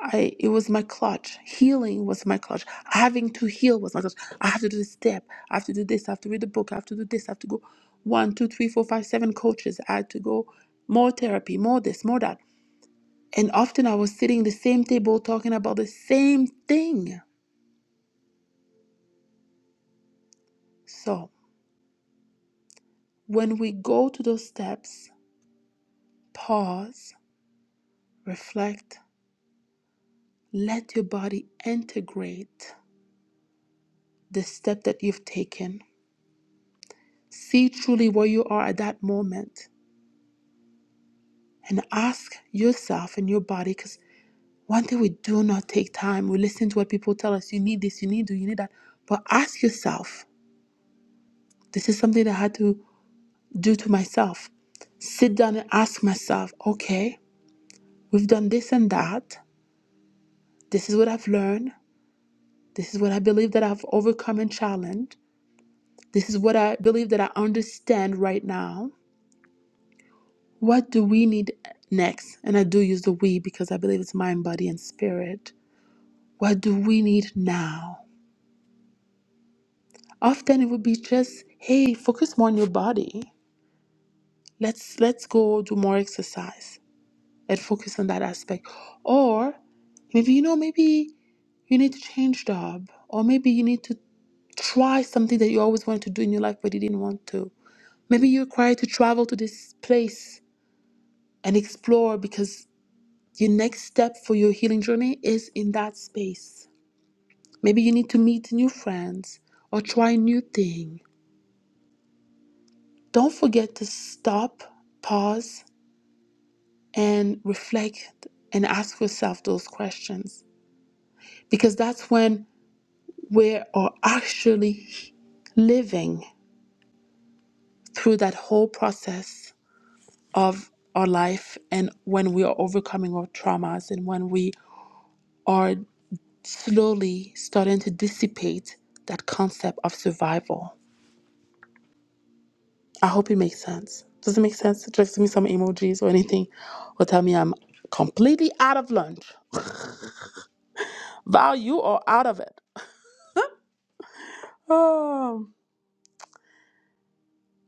Speaker 1: I it was my clutch. Healing was my clutch. Having to heal was my clutch. I have to do this step. I have to do this. I have to read the book. I have to do this. I have to go one, two, three, four, five, seven coaches. I had to go more therapy, more this, more that. And often I was sitting the same table talking about the same thing. So when we go to those steps, pause, reflect, let your body integrate the step that you've taken. See truly where you are at that moment and ask yourself and your body because one thing we do not take time we listen to what people tell us you need this you need to you need that but ask yourself this is something that i had to do to myself sit down and ask myself okay we've done this and that this is what i've learned this is what i believe that i've overcome and challenged this is what i believe that i understand right now what do we need next and i do use the we because i believe it's mind body and spirit what do we need now Often it would be just, hey, focus more on your body. Let's let's go do more exercise and focus on that aspect. Or maybe you know, maybe you need to change job, or maybe you need to try something that you always wanted to do in your life but you didn't want to. Maybe you're required to travel to this place and explore because your next step for your healing journey is in that space. Maybe you need to meet new friends or try new things Don't forget to stop, pause, and reflect and ask yourself those questions because that's when we are actually living through that whole process of our life and when we are overcoming our traumas and when we are slowly starting to dissipate that concept of survival. I hope it makes sense. Does it make sense? Just give me some emojis or anything or tell me I'm completely out of lunch. Val, you are out of it. Um,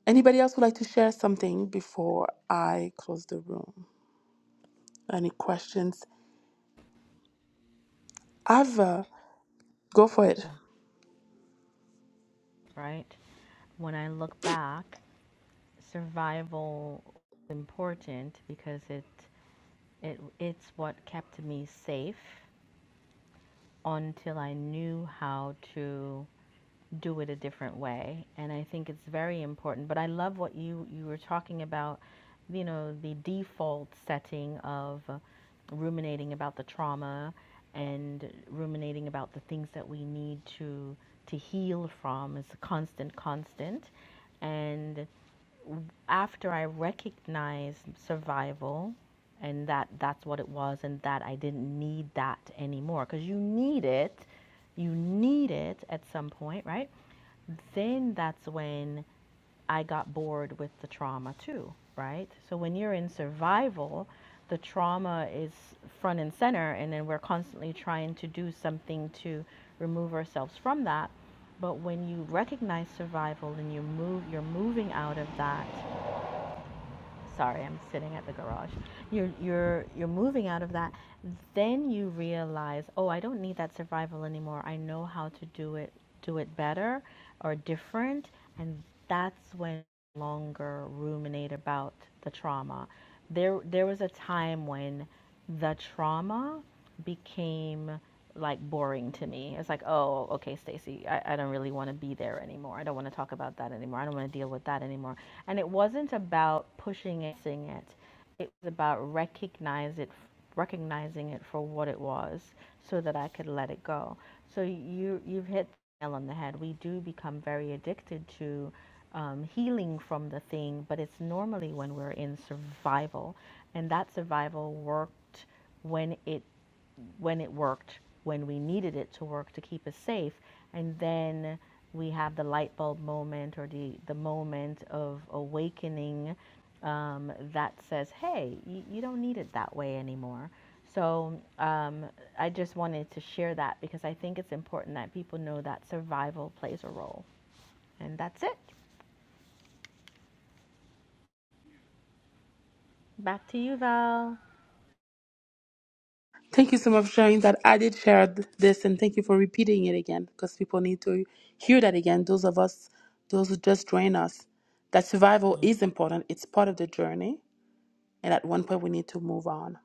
Speaker 1: anybody else would like to share something before I close the room? Any questions? I've uh, go for it.
Speaker 4: Right? When I look back, survival is important because it It, it's what kept me safe until I knew how to do it a different way. And I think it's very important. But I love what you, you were talking about, you know, the default setting of uh, ruminating about the trauma and ruminating about the things that we need to to heal from is a constant constant and after I recognized survival and that that's what it was and that I didn't need that anymore because you need it, you need it at some point, right? Then that's when I got bored with the trauma too, right? So when you're in survival, the trauma is front and center and then we're constantly trying to do something to remove ourselves from that. But when you recognize survival and you move you're moving out of that sorry, I'm sitting at the garage. You're you're you're moving out of that. Then you realize, oh, I don't need that survival anymore. I know how to do it do it better or different, and that's when no longer ruminate about the trauma. There there was a time when the trauma became like boring to me. It's like, oh, okay, Stacey. I, I don't really want to be there anymore. I don't want to talk about that anymore. I don't want to deal with that anymore. And it wasn't about pushing it, seeing it. It was about recognize it, recognizing it for what it was, so that I could let it go. So you you've hit the nail on the head. We do become very addicted to um, healing from the thing, but it's normally when we're in survival, and that survival worked when it when it worked, when we needed it to work to keep us safe. And then we have the light bulb moment or the, the moment of awakening um, that says, hey, you, you don't need it that way anymore. So um, I just wanted to share that because I think it's important that people know that survival plays a role. And that's it. Back to you, Val.
Speaker 1: Thank you so much for sharing that. I did share th- this, and thank you for repeating it again because people need to hear that again. Those of us, those who just join us, that survival is important. It's part of the journey, and at one point we need to move on.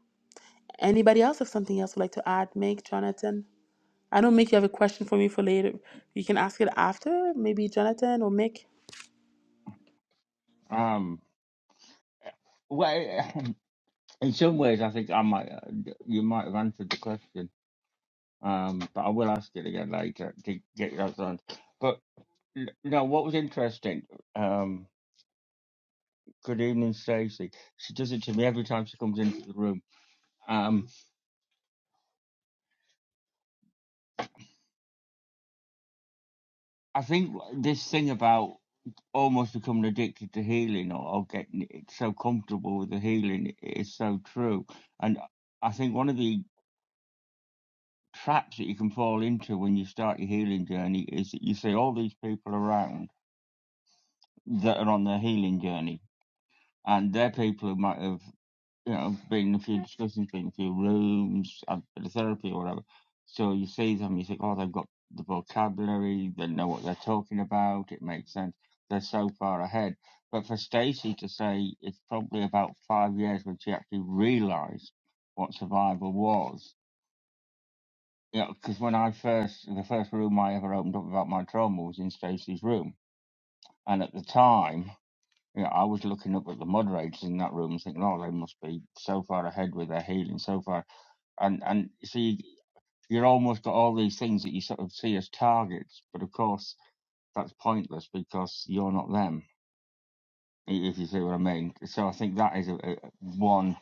Speaker 1: Anybody else have something else would like to add? Meg, Jonathan. I don't, Mick, you have a question for me for later. You can ask it after, maybe Jonathan or Mick.
Speaker 2: Um, well, [laughs] in some ways, I think I might uh, you might have answered the question, um, but I will ask it again later to get your answer. But n- no, what was interesting? Um, good evening, Stacey. She does it to me every time she comes into the room. Um, I think this thing about almost becoming addicted to healing or, or getting it so comfortable with the healing is so true. And I think one of the traps that you can fall into when you start your healing journey is that you see all these people around that are on their healing journey, and they're people who might have, you know, been in a few discussions, been in a few rooms, had a bit of therapy or whatever. So you see them, you think, oh, they've got the vocabulary, they know what they're talking about, it makes sense. They're so far ahead. But for Stacey to say it's probably about five years when she actually realised what survival was, you know, because when I first, the first room I ever opened up about my trauma was in Stacey's room. And at the time, Yeah, I was looking up at the moderators in that room, thinking, "Oh, they must be so far ahead with their healing, so far." And and see, you're almost got all these things that you sort of see as targets, but of course that's pointless because you're not them, i- if you see what I mean. So I think that is a, a one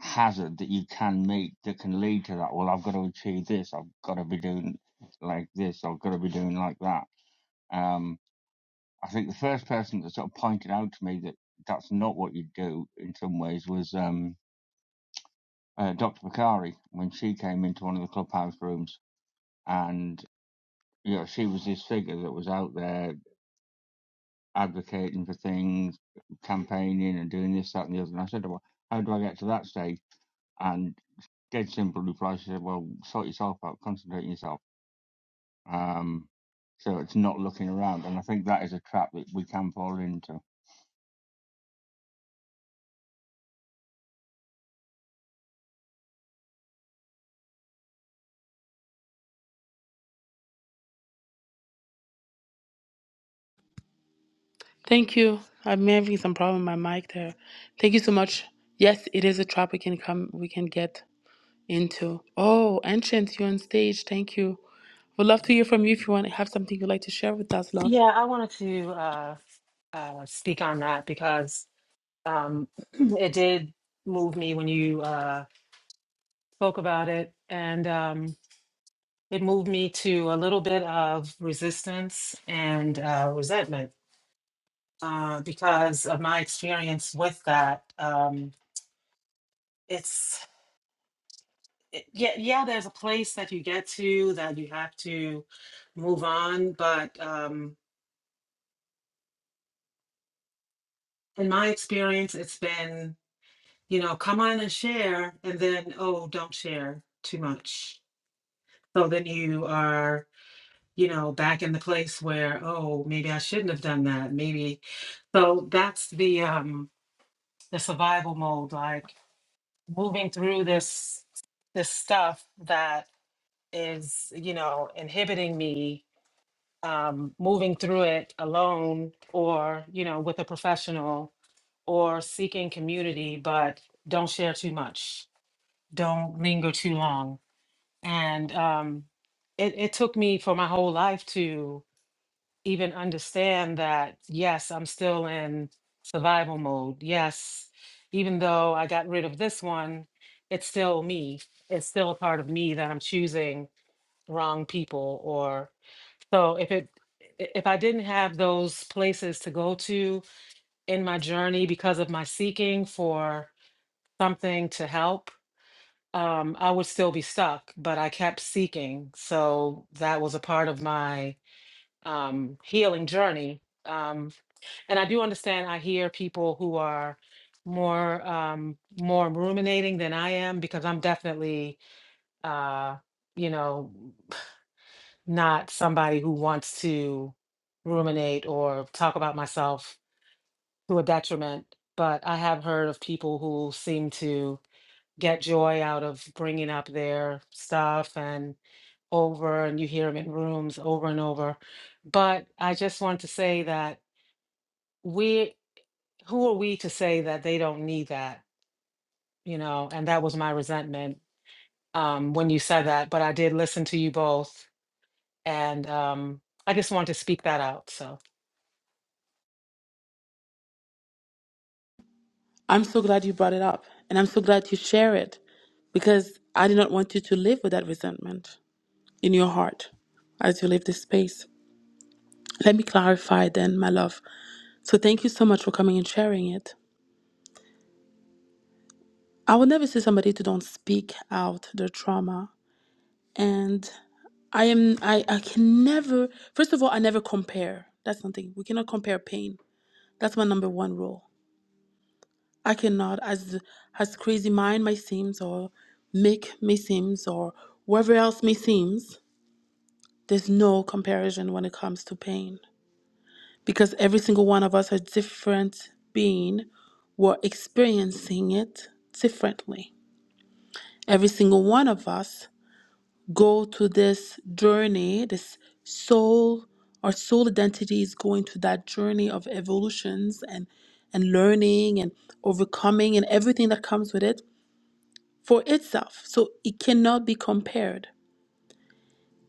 Speaker 2: hazard that you can meet that can lead to that. Well, I've got to achieve this. I've got to be doing like this. I've got to be doing like that. Um. I think the first person that sort of pointed out to me that that's not what you do in some ways was um, uh, Dr. Bakari when she came into one of the clubhouse rooms, and you know she was this figure that was out there advocating for things, campaigning, and doing this, that, and the other. And I said, well, how do I get to that stage? And dead simple reply, she said, well, sort yourself out, concentrate on yourself. Um, so it's not looking around, and I think that is a trap that we can fall into.
Speaker 1: Thank you. I'm having some problem with my mic there. Thank you so much. Yes, it is a trap we can come, we can get into. Oh, Ancient, you're on stage. Thank you. We'd love to hear from you if you want to have something you'd like to share with us, love.
Speaker 5: Yeah, I wanted to uh, uh, speak on that because um, [clears throat] it did move me when you uh, spoke about it, and um, it moved me to a little bit of resistance and uh, resentment uh, because of my experience with that. Um, it's it, yeah, yeah. There's a place that you get to that you have to move on, but um, in my experience, it's been you know, come on and share, and then, oh, don't share too much. So then you are, you know, back in the place where, oh, maybe I shouldn't have done that. Maybe so that's the um the survival mode, like moving through this this stuff that is, you know, inhibiting me um moving through it alone or, you know, with a professional or seeking community, but don't share too much don't linger too long. And um, it, it took me for my whole life to even understand that, yes, I'm still in survival mode. Yes, even though I got rid of this one, it's still me. It's still a part of me that I'm choosing wrong people or so if it i- if I didn't have those places to go to in my journey because of my seeking for something to help, um, I would still be stuck, but I kept seeking. So that was a part of my um, healing journey. Um, and I do understand, I hear people who are more um, more ruminating than I am because I'm definitely, uh, you know, not somebody who wants to ruminate or talk about myself to a detriment. But I have heard of people who seem to get joy out of bringing up their stuff and over and you hear them in rooms over and over. But I just want to say that we, who are we to say that they don't need that? You know, and that was my resentment um, when you said that. But I did listen to you both, and um, I just wanted to speak that out. So
Speaker 1: I'm so glad you brought it up, and I'm so glad you share it because I do not want you to live with that resentment in your heart as you leave this space. Let me clarify then, my love. So thank you so much for coming and sharing it. I would never see somebody to don't speak out their trauma. And I am I, I can never first of all I never compare. That's something. We cannot compare pain. That's my number one rule. I cannot as as crazy mind may seems or Mick may seems or whoever else may seems, there's no comparison when it comes to pain. Because every single one of us are different being. We're experiencing it differently. every single one of us go to this journey this soul our soul identity is going to that journey of evolutions and and learning and overcoming and everything that comes with it for itself so it cannot be compared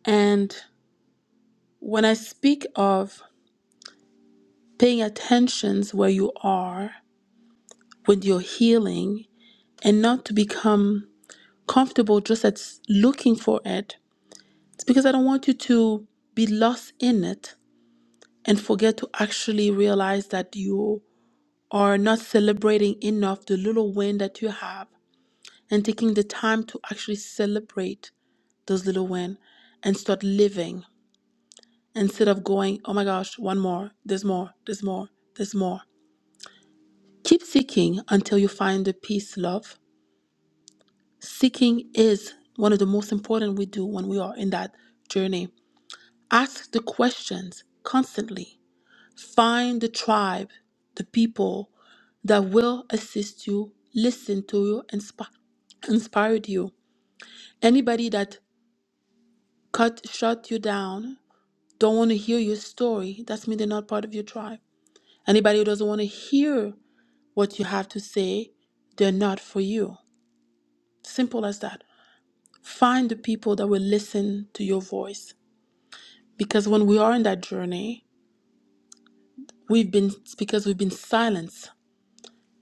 Speaker 1: and when i speak of paying attentions where you are with your healing and not to become comfortable just at s- looking for it It's because I don't want you to be lost in it and forget to actually realize that you are not celebrating enough the little win that you have and taking the time to actually celebrate those little wins, and start living instead of going, oh my gosh, one more, there's more, there's more, there's more. Keep seeking until you find the peace, love. Seeking is one of the most important we do when we are in that journey. Ask the questions constantly Find the tribe, the people that will assist you, listen to you, inspi- inspired you. Anybody that cut shut you down, don't want to hear your story, that's mean they're not part of your tribe. Anybody who doesn't want to hear what you have to say, they're not for you. Simple as that. Find the people that will listen to your voice. Because when we are in that journey, we've been because we've been silenced.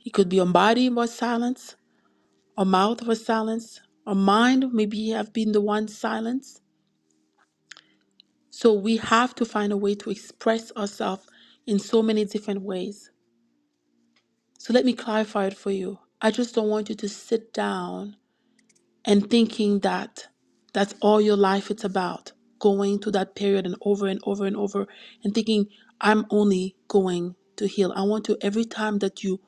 Speaker 1: It could be our body was silenced Our mouth was silenced. Our mind maybe have been the one silenced. So we have to find a way to express ourselves in so many different ways. So let me clarify it for you. I just don't want you to sit down and thinking that that's all your life it's about going to that period and over and over and over and thinking i'm only going to heal i want to every time that you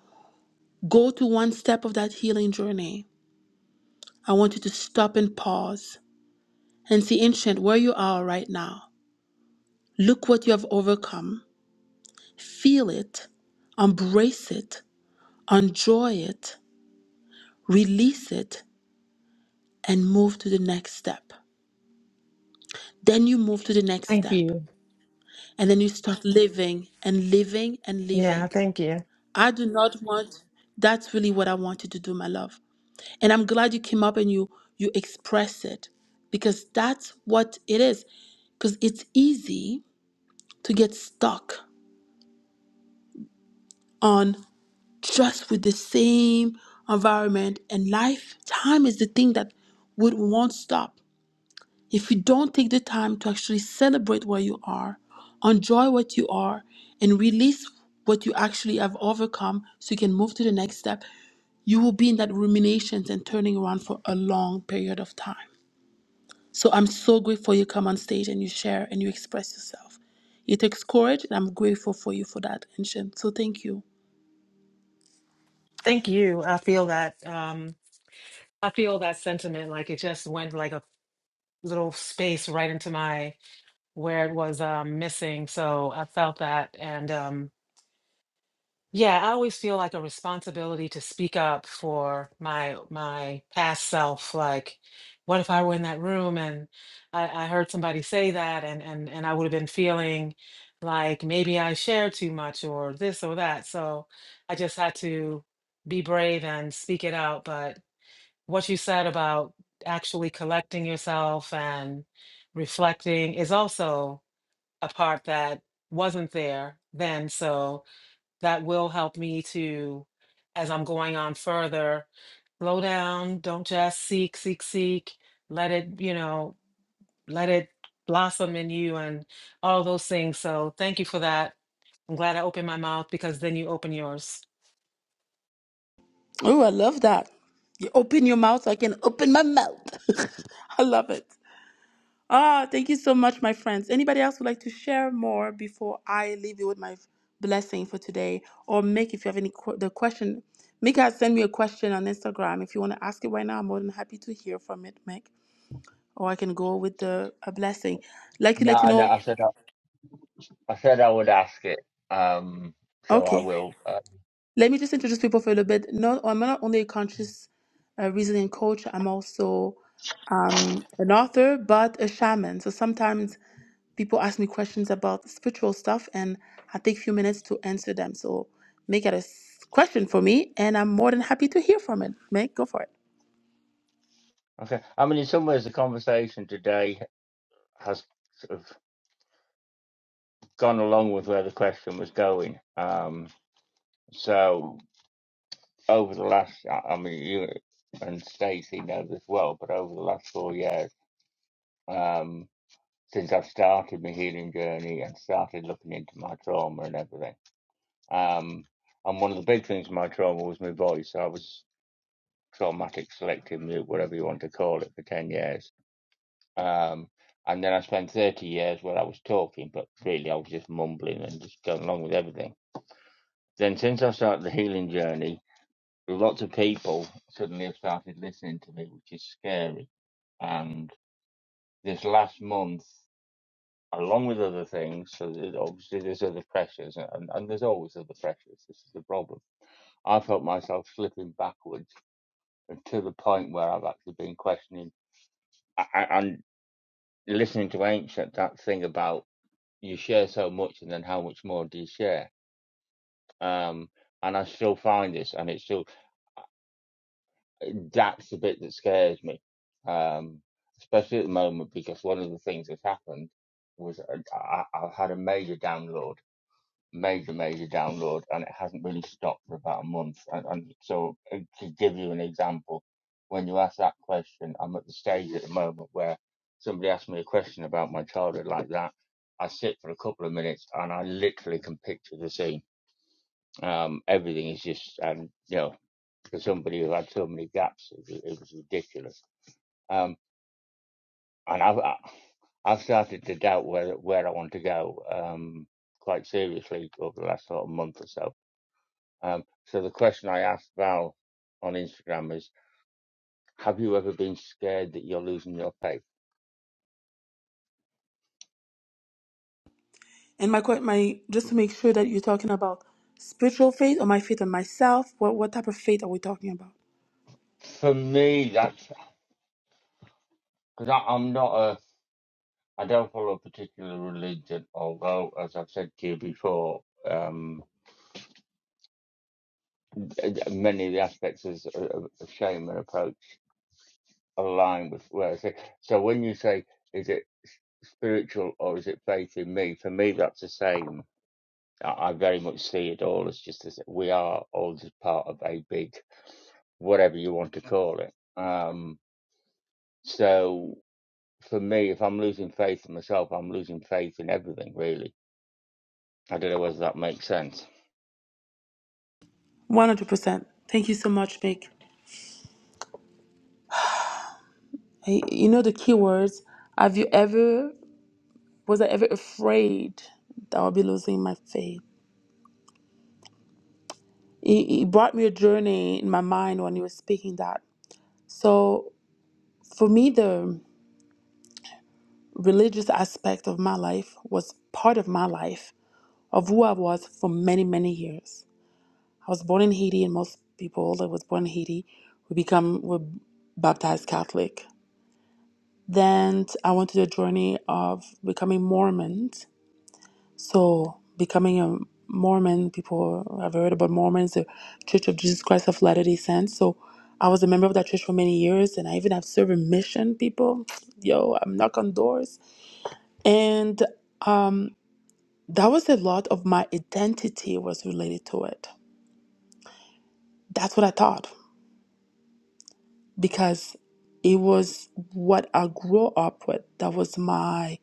Speaker 1: go to one step of that healing journey i want you to stop and pause and see, ancient, where you are right now. Look what you have overcome. Feel it, embrace it, enjoy it, release it, and move to the next step. Then you move to the next
Speaker 5: Thank
Speaker 1: step,
Speaker 5: you.
Speaker 1: and then you start living and living and
Speaker 5: Yeah,
Speaker 1: living.
Speaker 5: thank you.
Speaker 1: I do not want. That's really what I wanted to do, my love. And I'm glad you came up and you you express it because that's what it is. Because it's easy to get stuck on. just with the same environment and life, time is the thing that would won't stop. If you don't take the time to actually celebrate where you are, enjoy what you are, and release what you actually have overcome so you can move to the next step, you will be in that ruminations and turning around for a long period of time. So I'm so grateful you come on stage and you share and you express yourself. It takes courage, and I'm grateful for you for that, Anshin. So thank you.
Speaker 5: Thank you. I feel that. Um, I feel that sentiment, like it just went like a little space right into my where it was um, missing. So I felt that, and um, Yeah, I always feel like a responsibility to speak up for my my past self. Like, what if I were in that room and I, I heard somebody say that and and and I would have been feeling like maybe I shared too much or this or that. So I just had to be brave and speak it out. But what you said about actually collecting yourself and reflecting is also a part that wasn't there then. So that will help me to, as I'm going on further, slow down, don't just seek, seek, seek, let it, you know, let it blossom in you and all those things. So thank you for that. I'm glad I opened my mouth because then you open yours.
Speaker 1: Oh, I love that. You open your mouth, so I can open my mouth. [laughs] I love it. Ah, thank you so much, my friends. Anybody else would like to share more before I leave you with my blessing for today? Or make if you have any que- the question, Mick has sent me a question on Instagram. If you want to ask it right now, I'm more than happy to hear from it, Mick. Or I can go with the a blessing. Like to let you
Speaker 2: No, no,
Speaker 1: know.
Speaker 2: I said. I said I would ask it, um, so I
Speaker 1: Okay.
Speaker 2: will. Uh,
Speaker 1: Let me just introduce people for a little bit. No, I'm not only a conscious uh, reasoning coach, I'm also um, an author, but a shaman. So sometimes people ask me questions about spiritual stuff, and I take a few minutes to answer them. So make it a s- question for me, and I'm more than happy to hear from it. Meg, go for it.
Speaker 2: okay. I mean, in some ways, the conversation today has sort of gone along with where the question was going. Um, so over the last, I I mean, you and Stacey know this well, but over the last four years, um, since I've started my healing journey and started looking into my trauma and everything, um, and one of the big things in my trauma was my voice. I was traumatic selective mute, whatever you want to call it, for ten years Um, and then I spent 30 years where I was talking, but really I was just mumbling and just going along with everything. Then since I started the healing journey, lots of people suddenly have started listening to me, which is scary. And this last month, along with other things, so that obviously there's other pressures, and, and there's always other pressures. This is the problem. I felt myself slipping backwards and to the point where I've actually been questioning I, I- and listening to Ancient that thing about you share so much and then how much more do you share um and i still find this and it's still uh, that's the bit that scares me um especially at the moment because one of the things that's happened was uh, I, I i had a major download major, major download, and it hasn't really stopped for about a month. And, and so, uh, to give you an example, when you ask that question, I'm at the stage at the moment where somebody asks me a question about my childhood like that. I sit for a couple of minutes and I literally can picture the scene. Um, everything is just, and you know, for somebody who had so many gaps, it, was- it was ridiculous. Um, and I've, I- I've started to doubt where where I want to go. Um, quite seriously over the last sort of month or so Um, so the question I asked Val on Instagram is, have you ever been scared that you're losing your faith?
Speaker 1: And my que- my just to make sure that you're talking about spiritual faith or my faith on myself. What what type of faith are we talking about?
Speaker 2: For me, that's because I'm not a, I don't follow a particular religion, although, as I've said to you before, um, many of the aspects of, of of shame and approach align with where I say. So when you say, is it spiritual or is it faith in me? For me, that's the same I very much see it all as just as we are all just part of a big, whatever you want to call it. Um, so for me, if I'm losing faith in myself, I'm losing faith in everything, really. I don't know whether that makes sense.
Speaker 1: One hundred percent. Thank you so much, Meg. I- You know the key words. Have you ever, was I ever afraid that I'll be losing my faith? It, it brought me a journey in my mind when you were speaking that. So for me, the religious aspect of my life was part of my life, of who I was for many, many years. I was born in Haiti, and most people that was born in Haiti we become were baptized Catholic. Then I went to the journey of becoming Mormon So, becoming a Mormon, people have heard about Mormons, the Church of Jesus Christ of Latter day Saints. So, I was a member of that church for many years, and I even have served in mission people. [sniffs] [tsk] Yo, I'm knock on doors. And um, that was a lot of my identity was related to it. That's what I thought because it was what I grew up with. That was my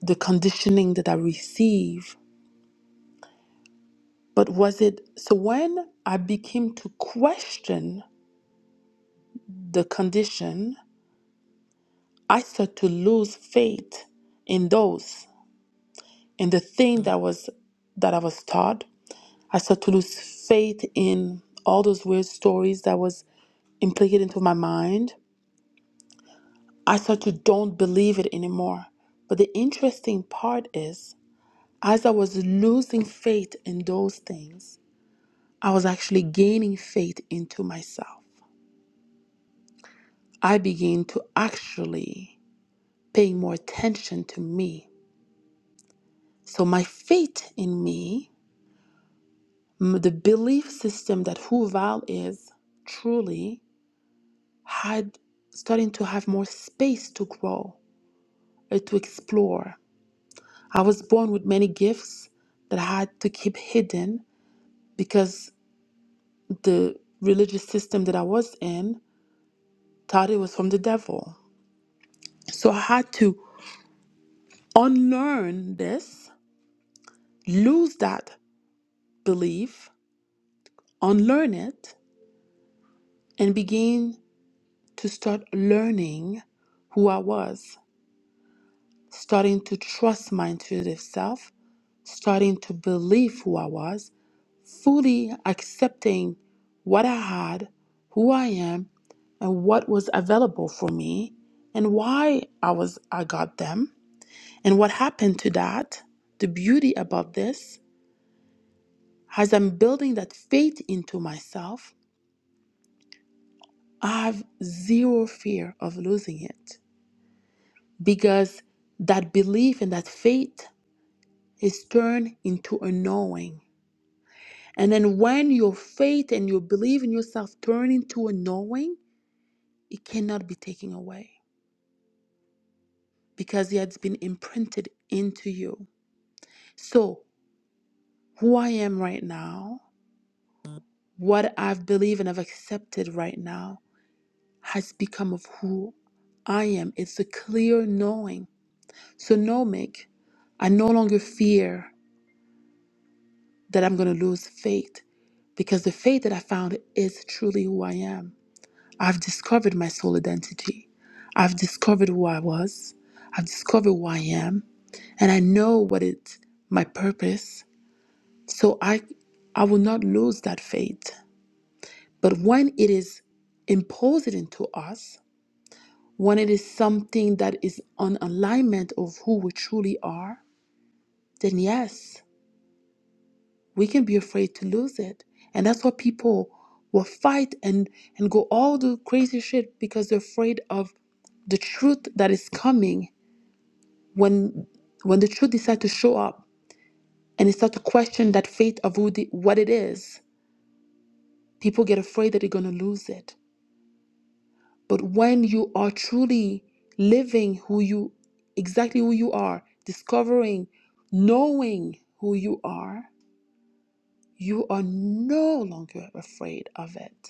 Speaker 1: the conditioning that I received. But was it so when I became to question the condition, I start to lose faith in those in the thing that was that I was taught. I start to lose faith in all those weird stories that was implicated into my mind. I start to don't believe it anymore. But the interesting part is, as I was losing faith in those things, I was actually gaining faith into myself. I began to actually pay more attention to me So my faith in me, m- the belief system that who Val is truly had starting to have more space to grow, uh, to explore. I was born with many gifts that I had to keep hidden because the religious system that I was in thought it was from the devil. So I had to unlearn this, lose that belief, unlearn it, and begin to start learning who I was, starting to trust my intuitive self, starting to believe who I was, fully accepting what I had, who I am, and what was available for me, and why I was I got them, and what happened to that. The beauty about this, as I'm building that faith into myself, I have zero fear of losing it because that belief and that faith Is turned into a knowing. And then when your faith and your belief in yourself turn into a knowing, it cannot be taken away because it has been imprinted into you. So, who I am right now, what I've believed and I've accepted right now, has become of who I am. It's a clear knowing. So, no, Mick, I no longer fear that I'm going to lose faith because the faith that I found is truly who I am. I've discovered my soul identity. I've discovered who I was. I've discovered who I am. And I know what it my purpose. So I I will not lose that faith. But when it is imposed into us, when it is something that is on alignment of who we truly are, then yes, we can be afraid to lose it and that's why people will fight and and go all the crazy shit because they're afraid of the truth that is coming when when the truth decides to show up and they start to question that faith of who the, what it is people get afraid that they're going to lose it but when you are truly living who you exactly who you are discovering knowing who you are you are no longer afraid of it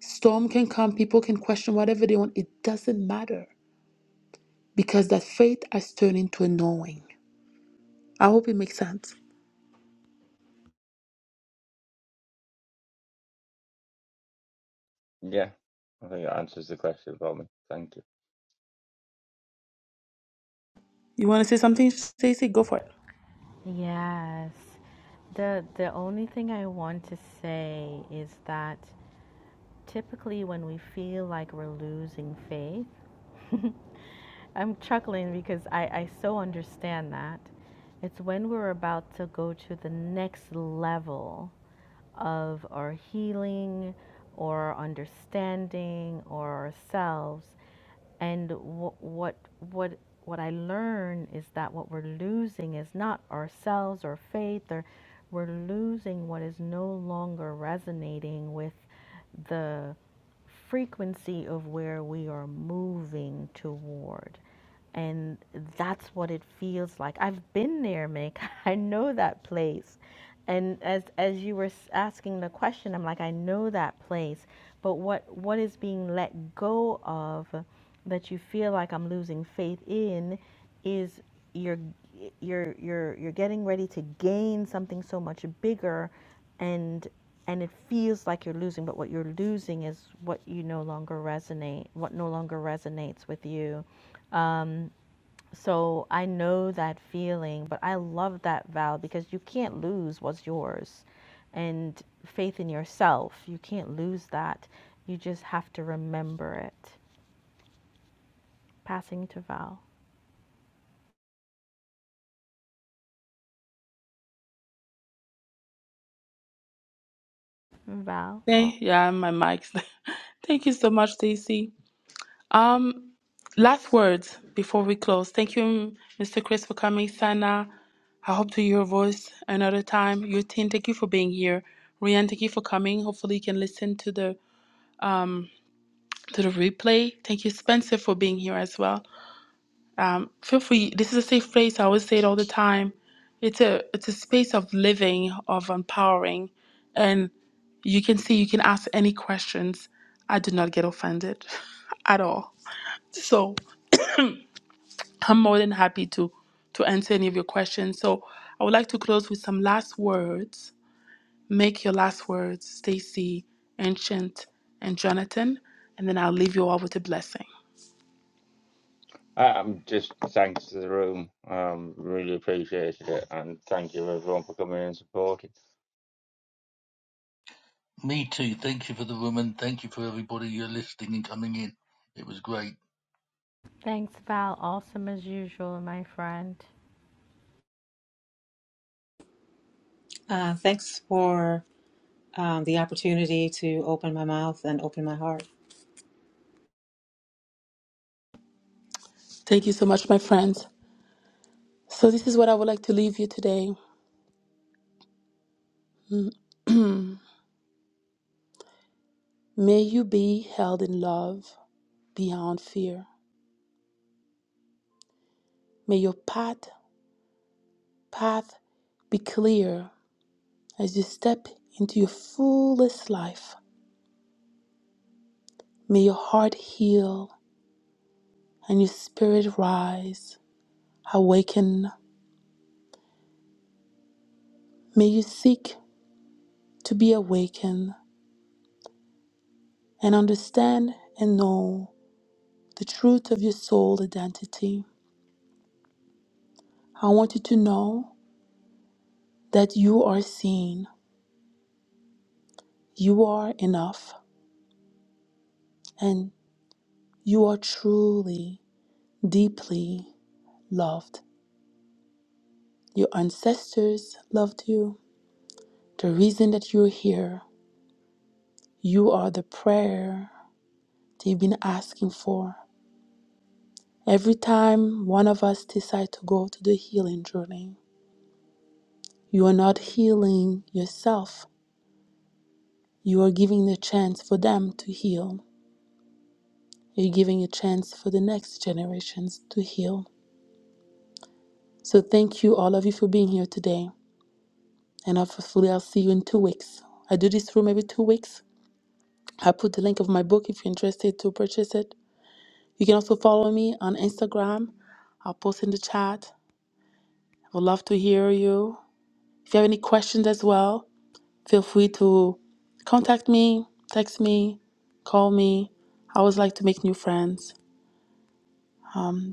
Speaker 1: Storm can come, people can question whatever they want. It doesn't matter because that faith has turned into a knowing. I hope it makes sense.
Speaker 2: Yeah, I think that answers the question for me. Thank you.
Speaker 1: You want to say something, Stacy? Go for it.
Speaker 4: Yes. The the only thing I want to say is that Typically, when we feel like we're losing faith, I'm chuckling because I, I so understand that. It's when we're about to go to the next level of our healing or our understanding or ourselves. And wh- what, what, what I learn is that what we're losing is not ourselves or faith, or we're losing what is no longer resonating with the frequency of where we are moving toward. And that's what it feels like. I've been there, Mick. [laughs] I know that place. And as as you were s- asking the question, I'm like, I know that place. But what what is being let go of that you feel like I'm losing faith in is you're you're you're you're getting ready to gain something so much bigger and and it feels like you're losing but what you're losing is what you no longer resonate what no longer resonates with you so i know that feeling but i love that val because you can't lose what's yours and faith in yourself you can't lose that you just have to remember it passing to val val
Speaker 1: Thank yeah, my mic's. [laughs] Thank you so much, Stacy. Um, last words before we close. Thank you, Mr. Chris, for coming. Sana, I hope to hear your voice another time. Your team, thank you for being here. Rian, thank you for coming. Hopefully, you can listen to the um to the replay. Thank you, Spencer, for being here as well. Um, feel free. This is a safe place. I always say it all the time. It's a it's a space of living, of empowering, and you can see you can ask any questions. I do not get offended [laughs] at all. So I'm more than happy to to answer any of your questions. So I would like to close with some last words. Make your last words, Stacy, Ancient, and Jonathan, and then I'll leave you all with a blessing.
Speaker 2: I- am just thanks to the room. Um, really appreciated it, and thank you everyone for coming and supporting.
Speaker 3: Me too. Thank you for the room, and thank you for everybody you're listening and coming in. It was great.
Speaker 4: Thanks, Val. Awesome as usual, my friend.
Speaker 5: Uh, thanks for um, the opportunity to open my mouth and open my heart.
Speaker 1: Thank you so much, my friends. So this is what I would like to leave you today. Mm-hmm. May you be held in love beyond fear. May your path, path be clear as you step into your fullest life. May your heart heal and your spirit rise. Awaken. May you seek to be awakened and understand and know the truth of your soul identity. I want you to know that you are seen, you are enough, and you are truly. deeply loved. Your ancestors loved you. The reason that you're here, you are the prayer they've been asking for. Every time one of us decide to go to the healing journey, you are not healing yourself. You are giving the chance for them to heal. You're giving a chance for the next generations to heal. So thank you all of you for being here today. And hopefully I'll see you in two weeks. I do this room every two weeks I put the link of my book if you're interested to purchase it. You can also follow me on Instagram. I'll post in the chat. I would love to hear you. If you have any questions as well, feel free to contact me, text me, call me. I always like to make new friends.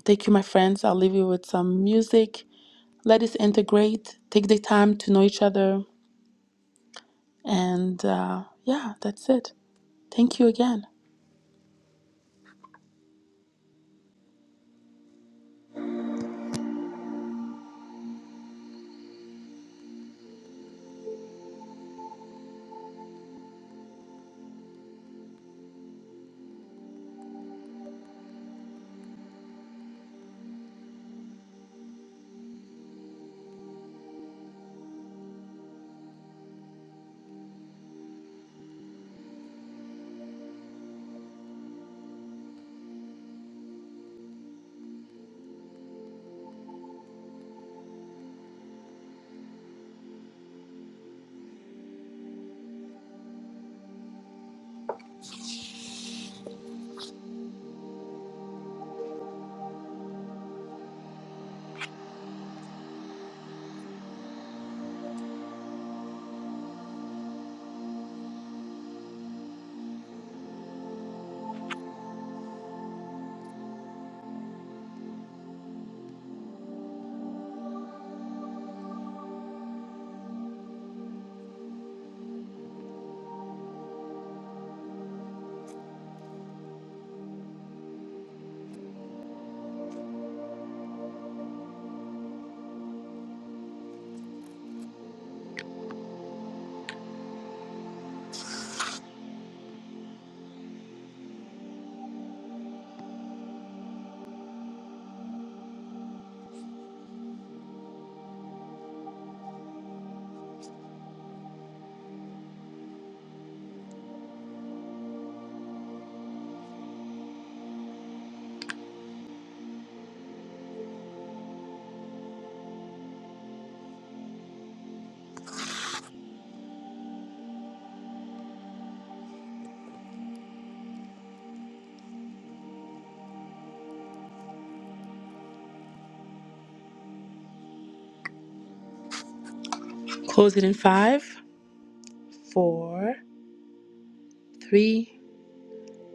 Speaker 1: Thank you, my friends. I'll leave you with some music. Let us integrate, take the time to know each other. And uh, yeah, that's it. Thank you again. Close it in five, four, three,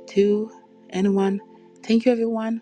Speaker 1: two, and one. Thank you, everyone.